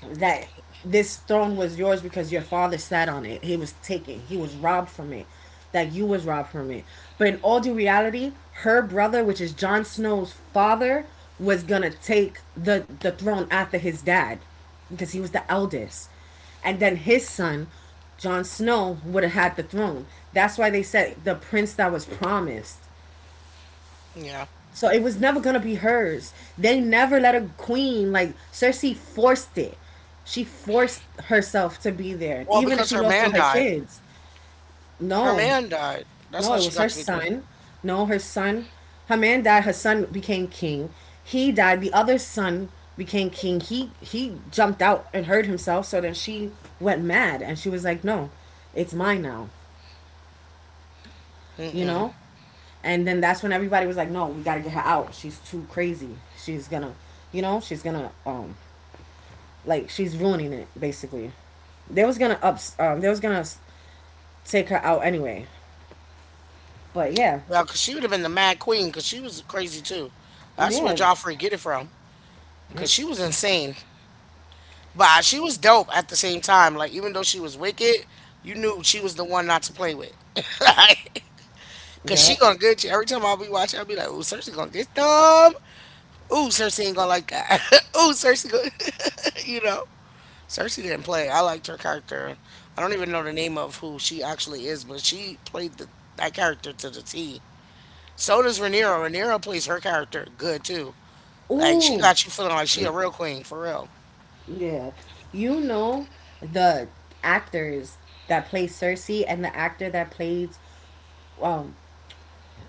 S2: That this throne was yours because your father sat on it. He was taken. He was robbed from it. That you was robbed from it. But in all due reality, her brother, which is Jon Snow's father, was gonna take the the throne after his dad because he was the eldest. And then his son, Jon Snow, would have had the throne. That's why they said the prince that was promised.
S1: yeah.
S2: So it was never gonna be hers. They never let a queen like Cersei forced it. She forced herself to be there,
S1: Well,
S2: even if
S1: because
S2: she
S1: her
S2: lost all
S1: man
S2: her
S1: died.
S2: kids.
S1: Her
S2: No,
S1: man died. That's
S2: no,
S1: how
S2: it
S1: she
S2: was her
S1: got to be queen.
S2: son. No, her son, her man died. Her son became king. He died. The other son became king. He he jumped out and hurt himself. So then she went mad and she was like, "No, it's mine now." You
S1: Mm-mm.
S2: know? And then that's when everybody was like, no, we got to get her out. She's too crazy. She's going to, you know, she's going to, um, like, she's ruining it, basically. They was going to ups, um, they was going to take her out anyway. But yeah,
S1: Well, because she would have been the mad queen because she was crazy too. That's where
S2: yeah,
S1: Joffrey get it from because she was insane. But she was dope at the same time. Like even though she was wicked, you knew she was the one not to play with. Like, cause she
S2: yeah.
S1: gonna get you every time I'll be watching. I'll be like, "Ooh, Cersei gonna get dumb. Ooh, Cersei ain't gonna like that. Ooh, Cersei gonna, you know." Cersei didn't play. I liked her character. I don't even know the name of who she actually is, but she played the, that character to the T. So does Rhaenyra. Rhaenyra plays her character good too. Like she
S2: Ooh,
S1: got you feeling like she a real queen for real.
S2: yeah. You know the actors that play Cersei and the actor that plays um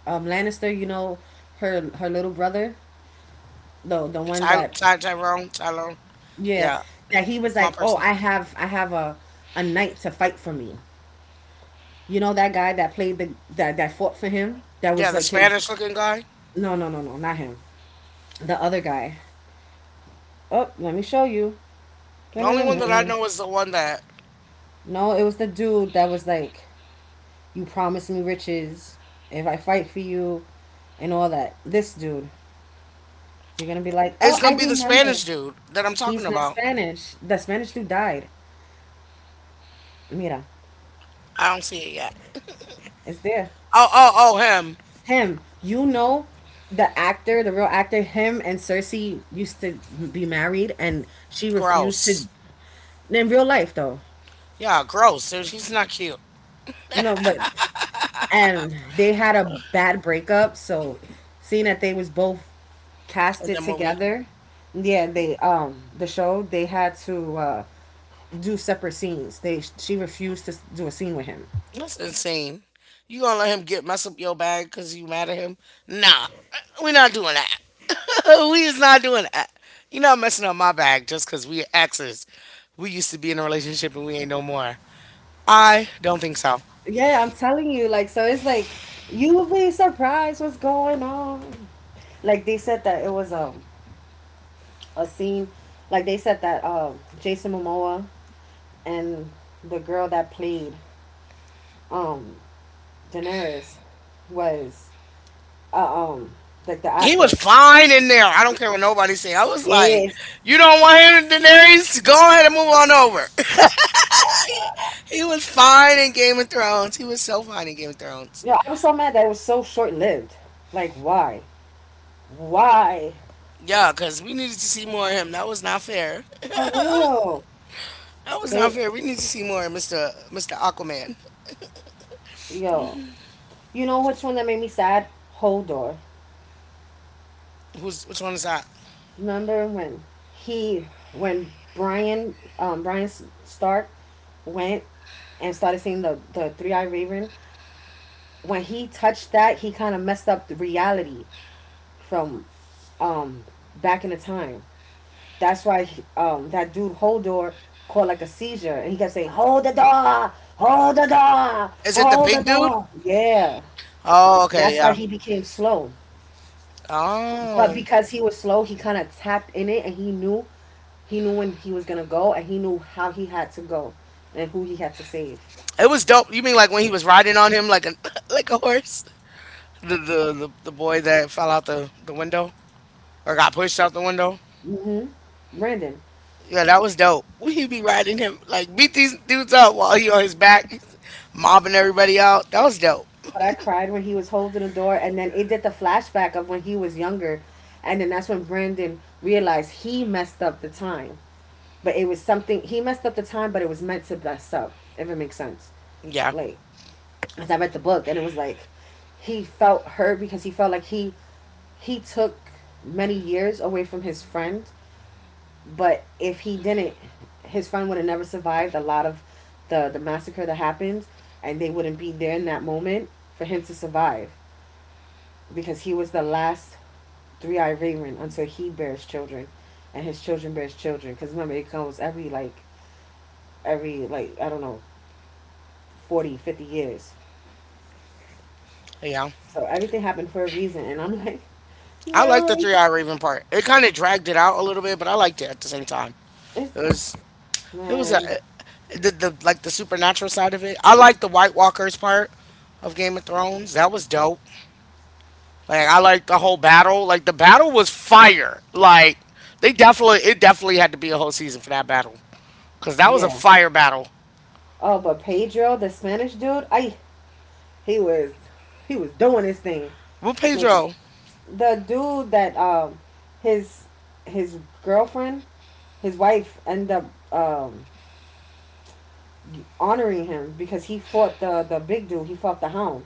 S2: um Lannister. You know her her little brother, the the one
S1: Ty,
S2: that
S1: Ty Tyrone, Tyrone.
S2: yeah,
S1: Yeah,
S2: that he was
S1: that's my
S2: like, "Oh,
S1: person.
S2: I have I have a a knight to fight for me." You know that guy that played the that that fought for him? That was
S1: Yeah, the
S2: like his
S1: Spanish looking guy.
S2: no, no, no, no, not him. The other guy. Oh, let me show you.
S1: The only one that I
S2: No,
S1: know is the one that
S2: no, it was the dude that was like, "You promised me riches if I fight for you and all that." This dude. You're going to be like, "Oh,
S1: it's
S2: I
S1: gonna be the
S2: remember."
S1: Spanish dude that I'm talking
S2: He's not
S1: about.
S2: Spanish. The Spanish dude died. Mira,
S1: I don't see it yet.
S2: it's there.
S1: Oh, oh, oh, him.
S2: Him, you know, the actor, the real actor, him and Cersei used to be married, and she refused to.
S1: Gross.
S2: In real life, though,
S1: Yeah, gross. Dude, he's not cute
S2: no, but and they had a bad breakup. So, seeing that they was both
S1: in
S2: casted
S1: the movie.
S2: together, yeah, they um the show they had to uh do separate scenes. They She refused to s- do a scene with him.
S1: That's insane. You gonna let him get mess up your bag because you mad at him? Nah, we not doing that. We is not doing that. You not messing up my bag just because we exes. We used to be in a relationship and we ain't no more. I don't think so.
S2: Yeah, I'm telling you, like so it's like you will be surprised what's going on. Like they said that it was a. a scene like they said that uh, Jason Momoa and the girl that played um Daenerys was uh, um like the
S1: He was
S2: actor.
S1: fine in there. I don't care what nobody say. I was like,
S2: Yes.
S1: you don't want him in there? He's- go ahead and move on over. He was fine in Game of Thrones. He was so fine in Game of Thrones.
S2: You know, I was so mad that it was so short lived. Like why? Why?
S1: Yeah, because we needed to see more of him. That was not fair.
S2: For real.
S1: That was not
S2: They
S1: fair. We need to see more of Mr. Mr. Aquaman.
S2: yo. You know which one that made me sad? Hodor.
S1: Who's which one is that?
S2: Remember when he when Brian um Brian Stark went and started seeing the the three eyed raven when he touched that, he kind of messed up the reality from um back in the time. That's why he- um that dude Holdor called like a seizure, and he kept saying, "Hold the door, hold the door,
S1: Is it the
S2: hold the
S1: big dude?
S2: door." Yeah,
S1: Oh, okay,
S2: that's why
S1: yeah.
S2: he became slow. But
S1: Oh,
S2: because he was slow, he kind of tapped in it, and he knew he knew when he was gonna go, and he knew how he had to go, and who he had to save.
S1: it was dope. You mean like when he was riding on him like a like a horse? The the the, the boy that fell out the the window or got pushed out the window.
S2: Mm-hmm. Brandon.
S1: Yeah, that was dope. We be riding him like beat these dudes up while he on his back, mobbing everybody out. That was dope.
S2: But I cried when he was holding the door, and then it did the flashback of when he was younger, and then that's when Brandon realized he messed up the time. But it was something he messed up the time, but it was meant to mess up. If it makes sense,
S1: Yeah.
S2: like as I read the book, and it was like he felt hurt because he felt like he he took many years away from his friend, but if he didn't, his friend would have never survived a lot of the the massacre that happened, and they wouldn't be there in that moment for him to survive. Because he was the last three eyed raven until he bears children, and his children bears children. Because remember, it comes every like every like I don't know forty fifty years.
S1: Yeah.
S2: So everything happened for a reason, and I'm like,
S1: I like the
S2: no,
S1: three hour Raven part. It kind of dragged it out a little bit, but I liked it at the same time.
S2: it's
S1: It was it was a
S2: man,
S1: the, the like the supernatural side of it. I
S2: mm,
S1: like the White Walkers part of Game of Thrones. That was dope. Like I like the whole battle. Like the battle was fire. Like they definitely it definitely had to be a whole season for that battle because that was a
S2: yeah.
S1: fire battle.
S2: Oh, but Pedro, the Spanish dude, I he was he was doing his thing.
S1: With
S2: Make
S1: Pedro.
S2: the dude that um his his girlfriend, his wife end up um honoring him because he fought the the big dude. He fought the hound,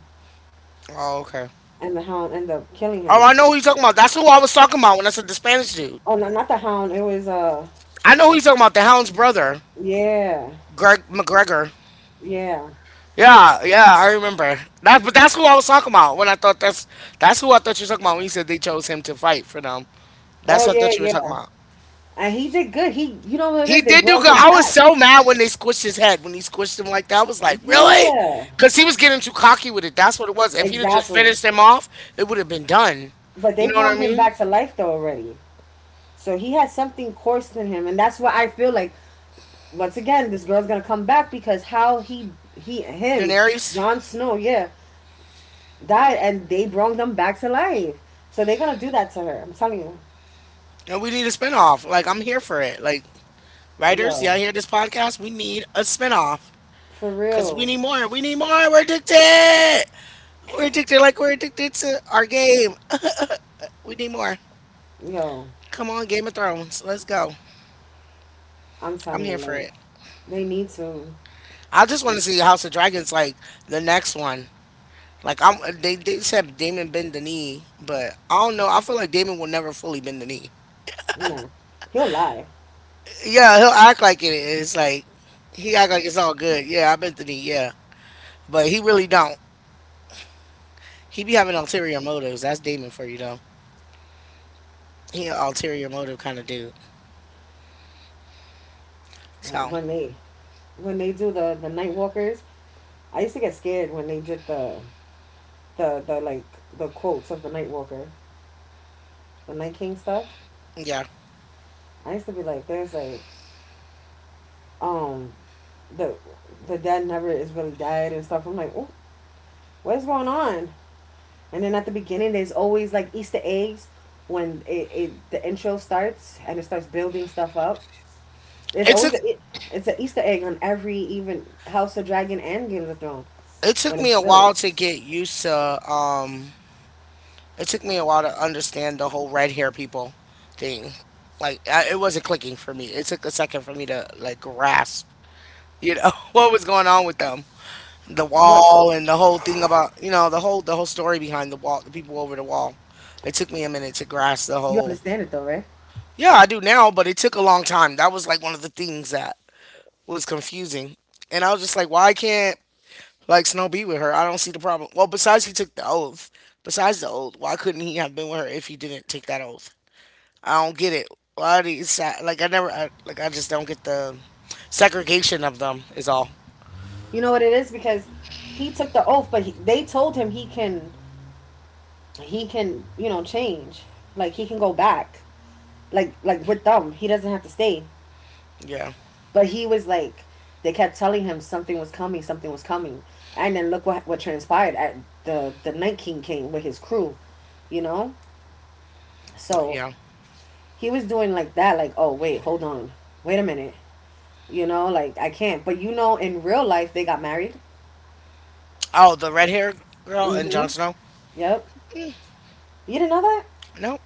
S1: Oh, okay.
S2: and the hound ended up killing
S1: Oh,
S2: him.
S1: I know who you're talking about. That's who I was talking about when I said the Spanish dude.
S2: Oh no, not the hound. It was uh,
S1: I know who you're talking about. The Hound's brother,
S2: yeah,
S1: Greg McGregor.
S2: yeah.
S1: Yeah, yeah, I remember. That, but that's who I was talking about when I thought that's that's who I thought you were talking about when you said they chose him to fight for them. That's
S2: Oh
S1: what I
S2: yeah,
S1: thought you were talking
S2: yeah.
S1: about.
S2: And he did good. He, you know what it
S1: He
S2: is? They
S1: did do
S2: brought
S1: good.
S2: him
S1: I was
S2: back.
S1: so mad when they squished his head when he squished him like that. I was like, really?
S2: Yeah,
S1: Because he was getting too cocky with it. That's what it was. If he'd have just
S2: exactly.
S1: finished him off, it would have been done.
S2: But
S1: You
S2: they
S1: know what
S2: brought
S1: I
S2: him
S1: mean,
S2: back to life though already. So he had something coursed in him, and that's why I feel like once again this girl's gonna come back because how he he him
S1: Daenerys?
S2: Jon Snow, yeah, died and they brought them back to life. So they're gonna do that to her. I'm telling you.
S1: And we need a spinoff. Like I'm here for it. Like writers,
S2: Yo,
S1: y'all hear this podcast? We need a spinoff
S2: for
S1: because we
S2: real.
S1: need more. We need more. We're addicted. We're addicted like we're addicted to our game. We need more.
S2: Yo,
S1: Come on, Game of Thrones. Let's go.
S2: I'm
S1: I'm
S2: telling you,
S1: here for
S2: like
S1: it.
S2: they need to
S1: I just want to see House of Dragons like the next one. Like I'm they, they said Damon bend the knee, but I don't know. I feel like Damon will never fully bend the knee.
S2: no. He'll lie
S1: Yeah, he'll act like it is. Like he act like it's all good. Yeah, I bent the knee, yeah. But he really don't. He be having ulterior motives. That's Damon for you though. He an ulterior motive kind of dude. So
S2: when they when they do the the night walkers. I used to get scared when they did the the the like the quotes of the night walker, the night king stuff.
S1: yeah.
S2: I used to be like, there's like, um, the the dad never is really died and stuff. I'm like, oh, what is going on? And then at the beginning, there's always like Easter eggs when it, it the intro starts and it starts building stuff up. There's
S1: It took
S2: always a, it, it's an Easter egg on every even House of Dragon and Games of Thrones
S1: it took
S2: when it
S1: me a while to
S2: builds.
S1: get used to um it took me a while to understand the whole red hair people thing. Like I, it wasn't clicking for me. It took a second for me to like grasp, you know, what was going on with them. The
S2: What
S1: wall and the whole thing about, you know, the whole the whole story behind the wall, the people over the wall. It took me a minute to grasp the
S2: you
S1: whole.
S2: understand it though, right?
S1: Yeah, I do now, but it took a long time. That was like one of the things that was confusing. And I was just like, why can't like Snow be with her? I don't see the problem. Well, besides he took the oath, besides the oath, why couldn't he have been with her if he didn't take that oath? I don't get it. Why do you sa- Like I never I, like I just don't get the segregation of them is all.
S2: You know what it is because he took the oath, but he, they told him he can he can you know change like he can go back like like with them. He doesn't have to stay.
S1: Yeah,
S2: But he was like, they kept telling him something was coming, something was coming, and then look what what transpired. At the the Night King came with his crew, you know. So
S1: yeah.
S2: he was doing like that, like oh wait, hold on, wait a minute, you know, like I can't. But you know, in real life they got married.
S1: Oh, the red hair girl and Jon
S2: Mm-hmm.
S1: Snow.
S2: Yep. You didn't know that,
S1: No,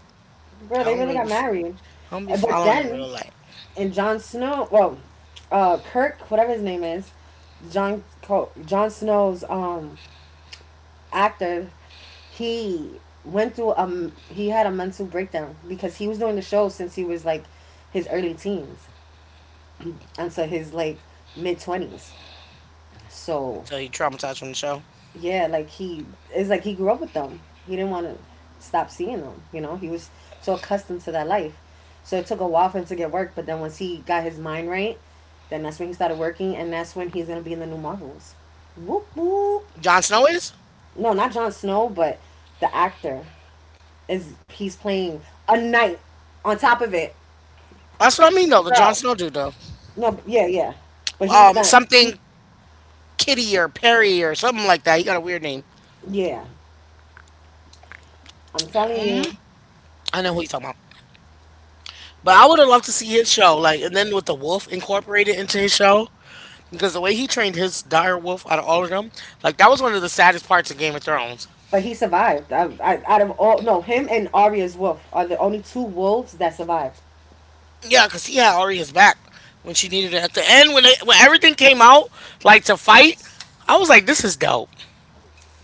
S2: girl?
S1: I
S2: They
S1: don't
S2: really
S1: really.
S2: got
S1: Be, I
S2: married.
S1: don't be
S2: Uh, But
S1: following in
S2: then
S1: real life.
S2: in Jon Snow, well, uh, Kirk, whatever his name is, John Jon Jon Snow's um actor, he went through um he had a mental breakdown because he was doing the show since he was like his early teens until his like mid twenties. So
S1: So he traumatized from the show.
S2: yeah, like he it's like he grew up with them. He didn't want to stop seeing them. You know, he was so accustomed to that life. So it took a while for him to get work, but then once he got his mind right, then that's when he started working, and that's when he's gonna be in the new Marvels. Whoop whoop.
S1: Jon Snow is.
S2: No, not Jon Snow, but the actor is he's playing a knight on top of it.
S1: That's what I mean though. The Jon
S2: Bro.
S1: Snow dude though.
S2: No, yeah, yeah. But he's
S1: Um,
S2: not
S1: something
S2: he's
S1: Kitty or Perry or something like that. He got a weird name.
S2: yeah. I'm telling you.
S1: I know who you talking about. But I would have loved to see his show. Like, and then with the wolf incorporated into his show, because the way he trained his dire wolf out of all of them, like that was one of the saddest parts of Game of Thrones.
S2: But he survived. I, I, out of all no, him and Arya's wolf are the only two wolves that survived.
S1: Yeah, because he had Arya's back when she needed it. At the end, when they, when everything came out, like to fight, I was like, this is dope.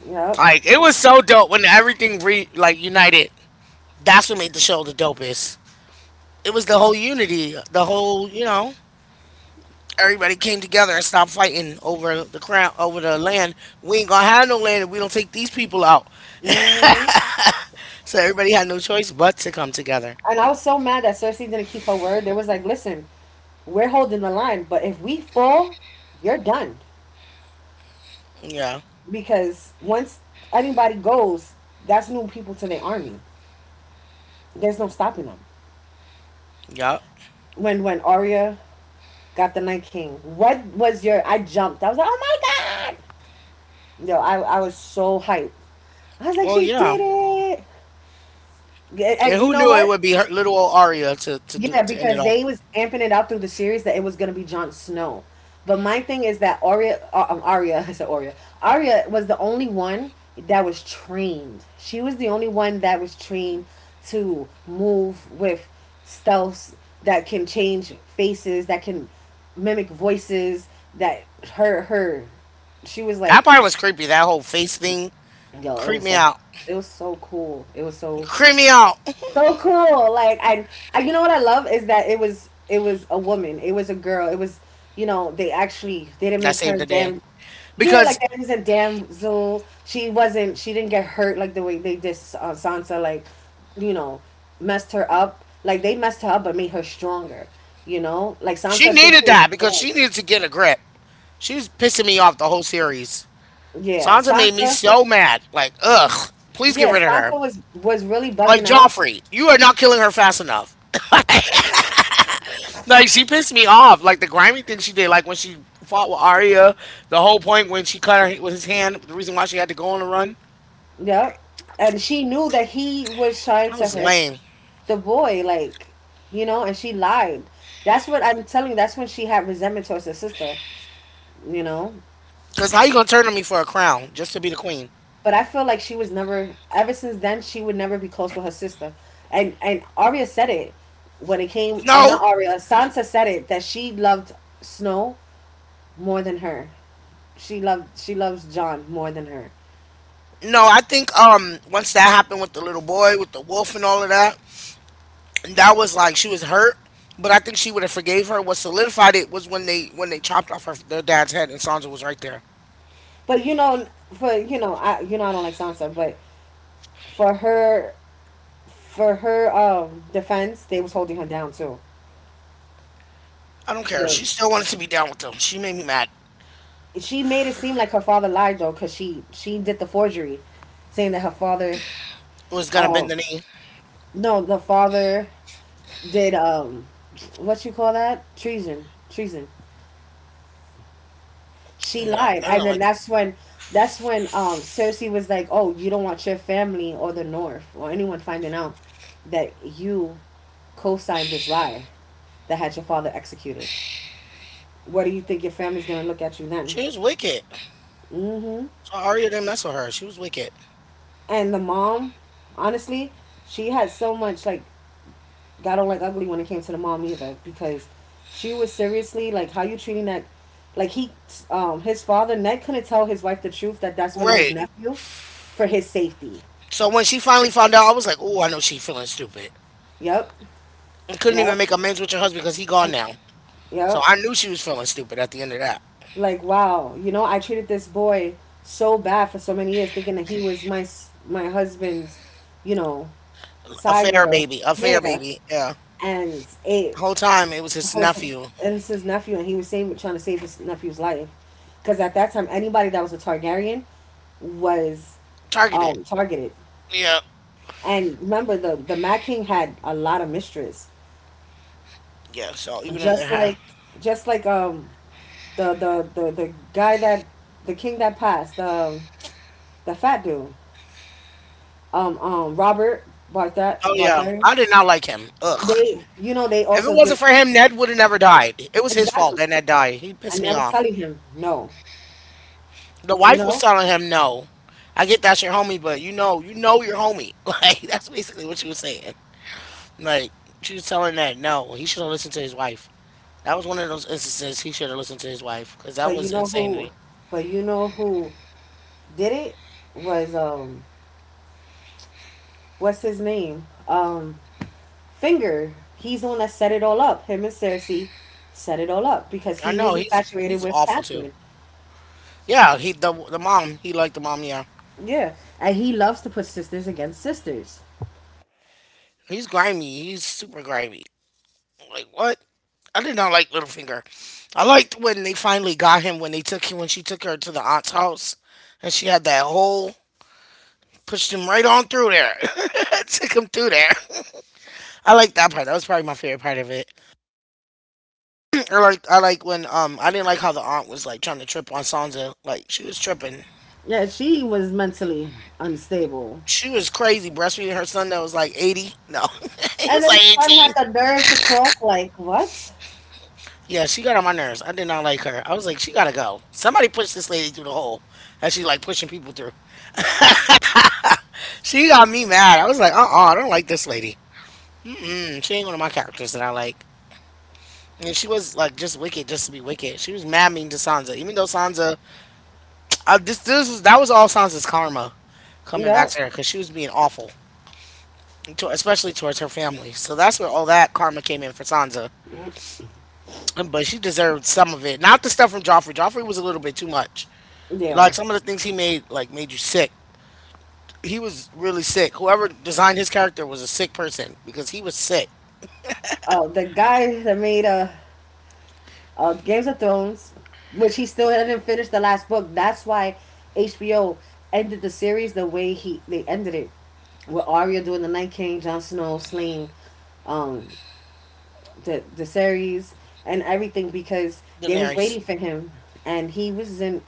S2: Yep.
S1: Like it was so dope when everything re like united. That's what made the show the dopest. It was the whole unity, the whole you know, everybody came together and stopped fighting over the crown, over the land. We ain't gonna have no land if we don't take these people out.
S2: Hmm.
S1: So everybody had no choice but to come together.
S2: And I was so mad that Cersei didn't keep her word. There was like, listen, we're holding the line, but if we fall, you're done.
S1: Yeah,
S2: Because once anybody goes, that's new people to the army. There's no stopping them.
S1: yeah.
S2: When when Arya got the Night King. What was your? I jumped. I was like, oh my god! Yo, I I was so hyped. I was like,
S1: Well,
S2: she
S1: yeah.
S2: did it. Yeah,
S1: And
S2: and you
S1: who
S2: know
S1: knew it
S2: what?
S1: would be her little old Aria to to do
S2: Yeah,
S1: to end it
S2: because
S1: all?
S2: they was amping it out through the series that it was gonna be Jon Snow. But my thing is that Arya, uh, um, Arya, I said Arya. Arya was the only one that was trained. She was the only one that was trained to move with stealth, that can change faces, that can mimic voices. That her her, she was like,
S1: That part was creepy. That whole face thing
S2: yo, it
S1: creeped
S2: was
S1: me
S2: so,
S1: out.
S2: it was so cool. It was so
S1: Creeped me out.
S2: so cool. Like I, I, you know what I love is that it was it was a woman. It was a girl. It was you know they actually they didn't
S1: That
S2: make
S1: saved
S2: her
S1: the day
S2: damn. Yeah, like
S1: because
S2: that is a damsel. She wasn't. She didn't get hurt like the way they did uh, Sansa. Like, you know, messed her up. Like they messed her up, but made her stronger. You know, like
S1: she
S2: Sansa thinks
S1: needed
S2: she was
S1: that because
S2: strong.
S1: she needed to get a grip. She was pissing me off the whole series.
S2: Yeah,
S1: Sansa made me
S2: Sansa.
S1: so mad. Like, ugh, please get
S2: Yeah,
S1: rid of her.
S2: Sansa was was really
S1: Like
S2: bugging out.
S1: Joffrey, you are not killing her fast enough. Like she pissed me off. Like the grimy thing she did. Like when she fought with Arya. The whole point when she cut her with his hand. The reason why she had to go on a run.
S2: Yep, and she knew that he was trying
S1: That
S2: to
S1: was
S2: hurt
S1: lame.
S2: the boy, like, you know, and she lied. That's what I'm telling you. That's when she had resentment towards her sister, you know.
S1: Cause how you gonna turn on me for a crown just to be the queen?
S2: But I feel like she was never, ever since then, she would never be close with her sister. And and Arya said it when it came. I'm
S1: No,
S2: not Arya. Sansa said it that she loved Snow more than her. She loved she loves John more than her.
S1: no. I think um once that happened with the little boy with the wolf and all of that, that was like she was hurt. But I think she would have forgave her. What solidified it was when they when they chopped off her their dad's head and Sansa was right there.
S2: But you know, for you know, I you know I don't like Sansa, but for her for her um defense, they was holding her down too.
S1: I don't
S2: They
S1: care.
S2: was,
S1: She still wanted to be down with them. She made me mad.
S2: she made it seem like her father lied though, cause she she did the forgery, saying that her father,
S1: Was gonna bend
S2: um,
S1: the knee.
S2: no, the father did um, what you call that, treason, treason. She
S1: Yeah,
S2: lied,
S1: I don't
S2: and
S1: know.
S2: then
S1: Like
S2: that's when that's when um Cersei was like, oh, you don't want your family or the North or anyone finding out that you co-signed this lie that had your father executed. What do you think your family's gonna look at you then?
S1: she was wicked.
S2: Hmm.
S1: So Arya didn't mess with her. She was wicked.
S2: And the mom, honestly, she had so much like I don't like ugly when it came to the mom either because she was seriously like, how you treating that? Like he, um, his father Ned couldn't tell his wife the truth that that's really his
S1: Right.
S2: nephew for his safety.
S1: So when she finally found out, I was like, "Oh, I know she feeling stupid,"
S2: Yep,
S1: and couldn't even
S2: yep,
S1: make amends with your husband because he gone now. So
S2: yep.
S1: I knew she was feeling stupid at the end of that.
S2: Like wow, you know, I treated this boy so bad for so many years, thinking that he was my s- my husband's, you know, side
S1: Affair,
S2: girl.
S1: baby. Affair,
S2: Yeah,
S1: baby. Yeah,
S2: and it
S1: whole time it was
S2: the
S1: his
S2: whole time,
S1: nephew
S2: and it's his nephew, and he was saving, trying to save his nephew's life, because at that time, anybody that was a Targaryen was
S1: targeted.
S2: um, targeted.
S1: Yeah,
S2: And remember, the the Mad King had a lot of mistress,
S1: yeah. So even if they
S2: just
S1: have,
S2: like just like um the the the, the guy that the king that passed the the fat dude um um Robert Barthar
S1: oh yeah,
S2: Barthar.
S1: I did not like him. Ugh.
S2: They you know they
S1: If it
S2: also
S1: wasn't
S2: did
S1: for him, Ned would have never died. It was his fault
S2: exactly,
S1: that Ned died. He pissed
S2: and I
S1: me
S2: was
S1: off.
S2: telling him no,
S1: The
S2: you
S1: wife was
S2: know,
S1: telling him no. I get that's your homie, but you know, you know your homie. Like that's basically what she was saying. Like she was telling Ned, no, he should have listened to his wife. That was one of those instances he should have listened to his wife because that
S2: but you
S1: was
S2: know who,
S1: insanity.
S2: but you know who did it was um what's his name um Finger, he's the one that set it all up. Him and Cersei set it all up because
S1: I
S2: he
S1: know
S2: was
S1: he's
S2: infatuated
S1: he's
S2: with
S1: awful too.
S2: Catherine.
S1: Yeah, he the the mom he liked the mom. Yeah,
S2: Yeah, and he loves to put sisters against sisters.
S1: he's grimy. He's super grimy. Like what? I did not like Littlefinger. I liked when they finally got him when they took him when she took her to the aunt's house and she had that hole, pushed him right on through there. Took him through there. I liked that part. That was probably my favorite part of it. I like I like when um I didn't like how the aunt was like trying to trip on Sansa. Like she was tripping.
S2: Yeah, she was mentally unstable.
S1: She was crazy breastfeeding her son that was like eighty. No, he
S2: And
S1: was like
S2: then the
S1: eighteen.
S2: had the nerve to talk like, what?
S1: Yeah, she got on my nerves. I did not like her. I was like, she gotta go. Somebody pushed this lady through the hole. And she's like pushing people through. She got me mad. I was like, uh uh I don't like this lady. Mm, she ain't one of my characters that I like. And she was like just wicked, just to be wicked. She was mad mean to Sansa, even though Sansa, I, this this was that was all Sansa's karma coming back
S2: No.
S1: to her because she was being awful, to, especially towards her family. So that's where all that karma came in for Sansa. But she deserved some of it. Not the stuff from Joffrey. Joffrey was a little bit too much.
S2: Yeah.
S1: Like some of the things he made, like made you sick. He was really sick. Whoever designed his character was a sick person because he was sick.
S2: Oh, the guy that made uh, uh, Games of Thrones, which he still hadn't finished the last book. That's why H B O ended the series the way he they ended it, with Arya doing the Night King, Jon Snow slaying um, the the series and everything because they was
S1: Daenerys.
S2: waiting for him and he wasn't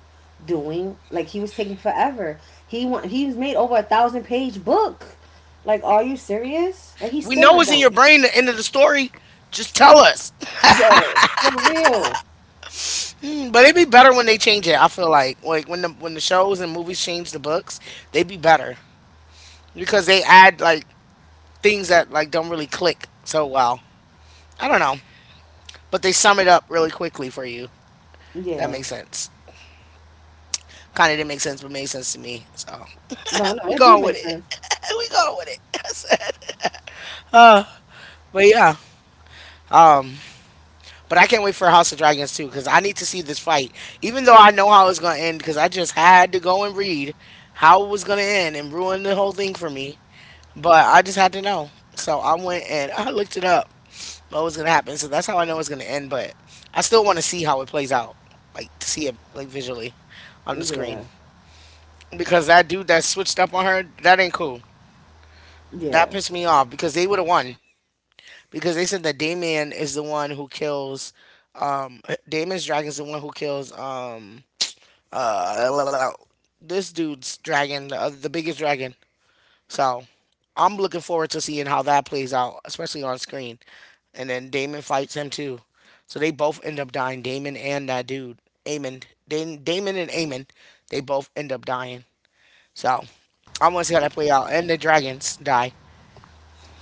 S2: doing like he was taking forever. He want he was made over a thousand page book. Like, are you serious? Like he's
S1: We
S2: still
S1: know
S2: not
S1: it's in
S2: done.
S1: your brain. The end of the story. Just tell us.
S2: Yo, for real.
S1: Mm, but it'd be better when they change it. I feel like like when the when the shows and movies change the books, they'd be better because they add like things that like don't really click so well. I don't know, but they sum it up really quickly for you. That
S2: Yeah.
S1: makes sense. Kind of didn't make sense, but made sense to me. So
S2: No, no,
S1: we
S2: it did
S1: going with
S2: make
S1: it.
S2: sense.
S1: We going with it. I said. But yeah, um, but I can't wait for House of Dragons too because I need to see this fight. Even though I know how it's gonna end, because I just had to go and read how it was gonna end and ruin the whole thing for me. But I just had to know, so I went and I looked it up what was gonna happen. So that's how I know it's gonna end. But I still want to see how it plays out, like to see it like visually on the
S2: Yeah.
S1: screen because that dude that switched up on her, that ain't cool. That
S2: Yeah.
S1: pissed me off because they would have won because they said that Damien is the one who kills. Um, Damon's dragon's the one who kills. Um, uh, this dude's dragon, the, other the biggest dragon. So I'm looking forward to seeing how that plays out, especially on screen. And then Damon fights him too, so they both end up dying. Damon and that dude, Amon. Da- Damon and Amon, they both end up dying. So I want to see how that play out, and the dragons die.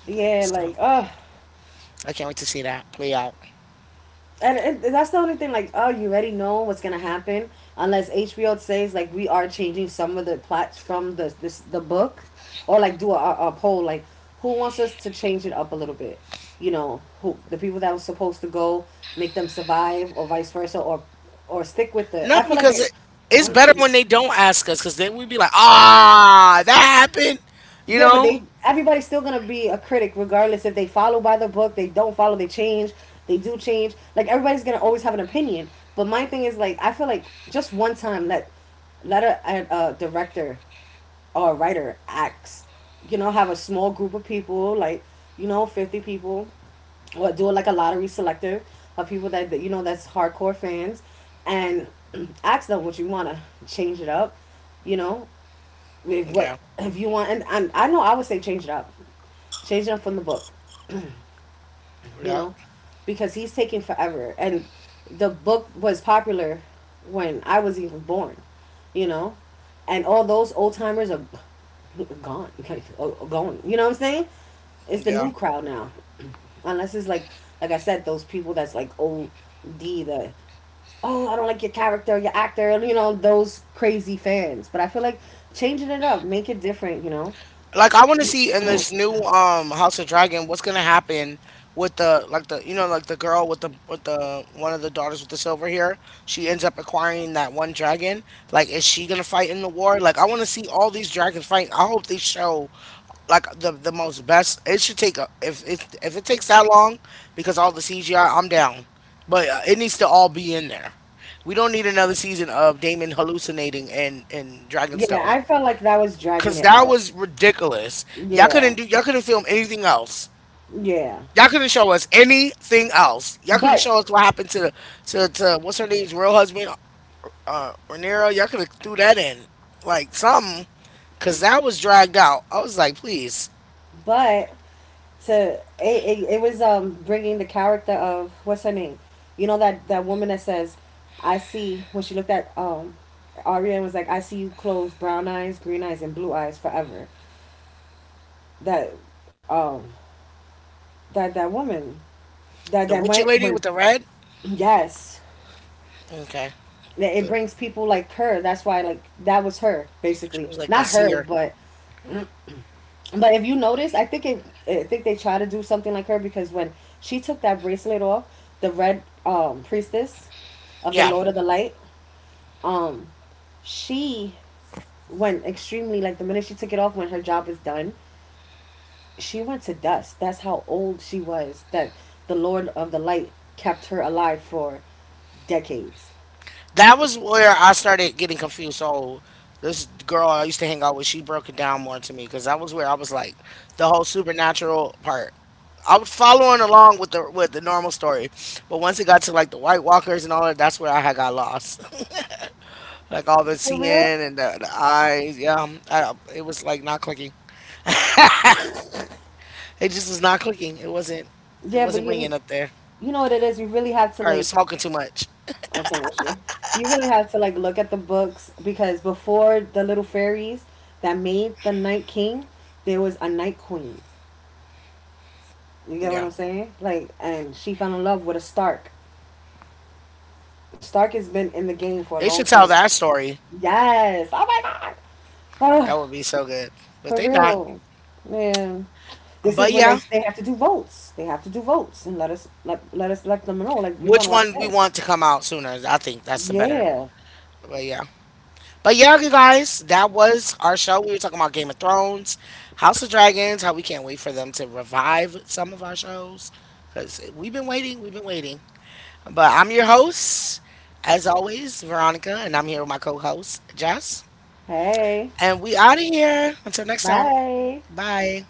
S2: Yeah,
S1: So
S2: like, oh
S1: I can't wait to see that play out.
S2: and it, that's the only thing. Like, oh, you already know what's gonna happen, unless H B O says like we are changing some of the plots from the this the book, or like do a, a a poll like who wants us to change it up a little bit. You know, who the people that were supposed to go make them survive, or vice versa, or or stick with the.
S1: No,
S2: I feel like
S1: because
S2: they
S1: it, it's better when they don't ask us, because then we'd be like, ah, that happened. You
S2: yeah, but
S1: know?
S2: they everybody's still gonna be a critic regardless if they follow by the book, they don't follow, they change, they do change. Like everybody's gonna always have an opinion. But my thing is like I feel like just one time let let a, a, a director or a writer acts, you know, have a small group of people like you know fifty people, or do it like a lottery selector of people that, that you know that's hardcore fans, and ask them what you wanna change it up, you know, if what
S1: Yeah,
S2: if you want, and, and I know I would say change it up, change it up from the book, you
S1: yeah,
S2: know, because he's taking forever, and the book was popular when I was even born, you know, and all those old timers are gone, like going. You know what I'm saying? It's the
S1: yeah.
S2: new crowd now, unless it's like like I said, those people that's like old D the oh I don't like your character, your actor, you know those crazy fans. But I feel like changing it up, make it different, you know.
S1: Like I want to see in this new um House of Dragon what's gonna happen with the like the you know like the girl with the with the one of the daughters with the silver hair, she ends up acquiring that one dragon, like is she gonna fight in the war? Like I want to see all these dragons fight. I hope they show like the the most best. It should take a, if if if it takes that long, because all the C G I, I'm down, but uh, it needs to all be in there. We don't need another season of Damon hallucinating and in in
S2: Yeah,
S1: Dragonstone.
S2: I felt like that was dragging
S1: Cause
S2: it
S1: that
S2: out.
S1: was ridiculous. Y'all couldn't
S2: Yeah,
S1: do y'all couldn't film anything else.
S2: yeah,
S1: Y'all couldn't show us anything else. Y'all couldn't
S2: but
S1: show us what happened to to, to what's her name's real husband, uh Rhaenyra. Y'all could have threw that in. Like something. Cause that was dragged out. I was like, please.
S2: but to it, it, it was um bringing the character of what's her name, you know, that that woman that says, I see when she looked at um Arya and was like, I see you, close brown eyes, green eyes, and blue eyes forever. That um that that woman that
S1: The
S2: that
S1: witchy
S2: went
S1: lady
S2: when
S1: with the red?
S2: yes
S1: Okay.
S2: that it
S1: The,
S2: brings people like her. That's why like that was her
S1: she
S2: basically
S1: was like a
S2: not her
S1: seer.
S2: but But if you notice, I think it, I think they try to do something like her because when she took that bracelet off, the red um, priestess of the
S1: Yeah.
S2: Lord of the Light, um, she went extremely like the minute she took it off when her job is done, she went to dust. That's how old she was. That the Lord of the Light kept her alive for decades.
S1: That was where I started getting confused. So this girl I used to hang out with, she broke it down more to me because that was where I was like the whole supernatural part. I was following along with the with the normal story, but once it got to like the White Walkers and all that, that's where I had got lost. Like all the
S2: For
S1: seeing
S2: real?
S1: and the, the eyes, yeah, um, I, it was like not clicking. It just was not clicking. It wasn't. It
S2: Yeah, but
S1: wasn't
S2: you
S1: ringing up there.
S2: you know what it is. You really have to
S1: Probably was
S2: like
S1: smoking too much.
S2: I can't with you. You really have to like look at the books because before the little fairies that made the Night King, there was a Night Queen. You get what
S1: Yeah,
S2: I'm saying? Like, and she fell in love with a Stark. Stark has been in the game for a
S1: they
S2: long
S1: should tell
S2: time.
S1: that story.
S2: Yes. Oh my god.
S1: That would
S2: Oh,
S1: be so good, but
S2: for
S1: they not.
S2: real, man. This is
S1: But
S2: when they
S1: yeah.
S2: they have to do votes. They have to do votes and let us let let us let them know like we want
S1: Which
S2: to watch
S1: one we
S2: this.
S1: want to come out sooner. I think that's the better.
S2: Yeah.
S1: But yeah. But yeah, you guys, that was our show. We were talking about Game of Thrones, House of Dragons, how we can't wait for them to revive some of our shows. Because we've been waiting, we've been waiting. But I'm your host, as always, Veronica, and I'm here with my co host, Jess.
S2: Hey.
S1: And we out of here. Until next time.
S2: Bye.
S1: Bye.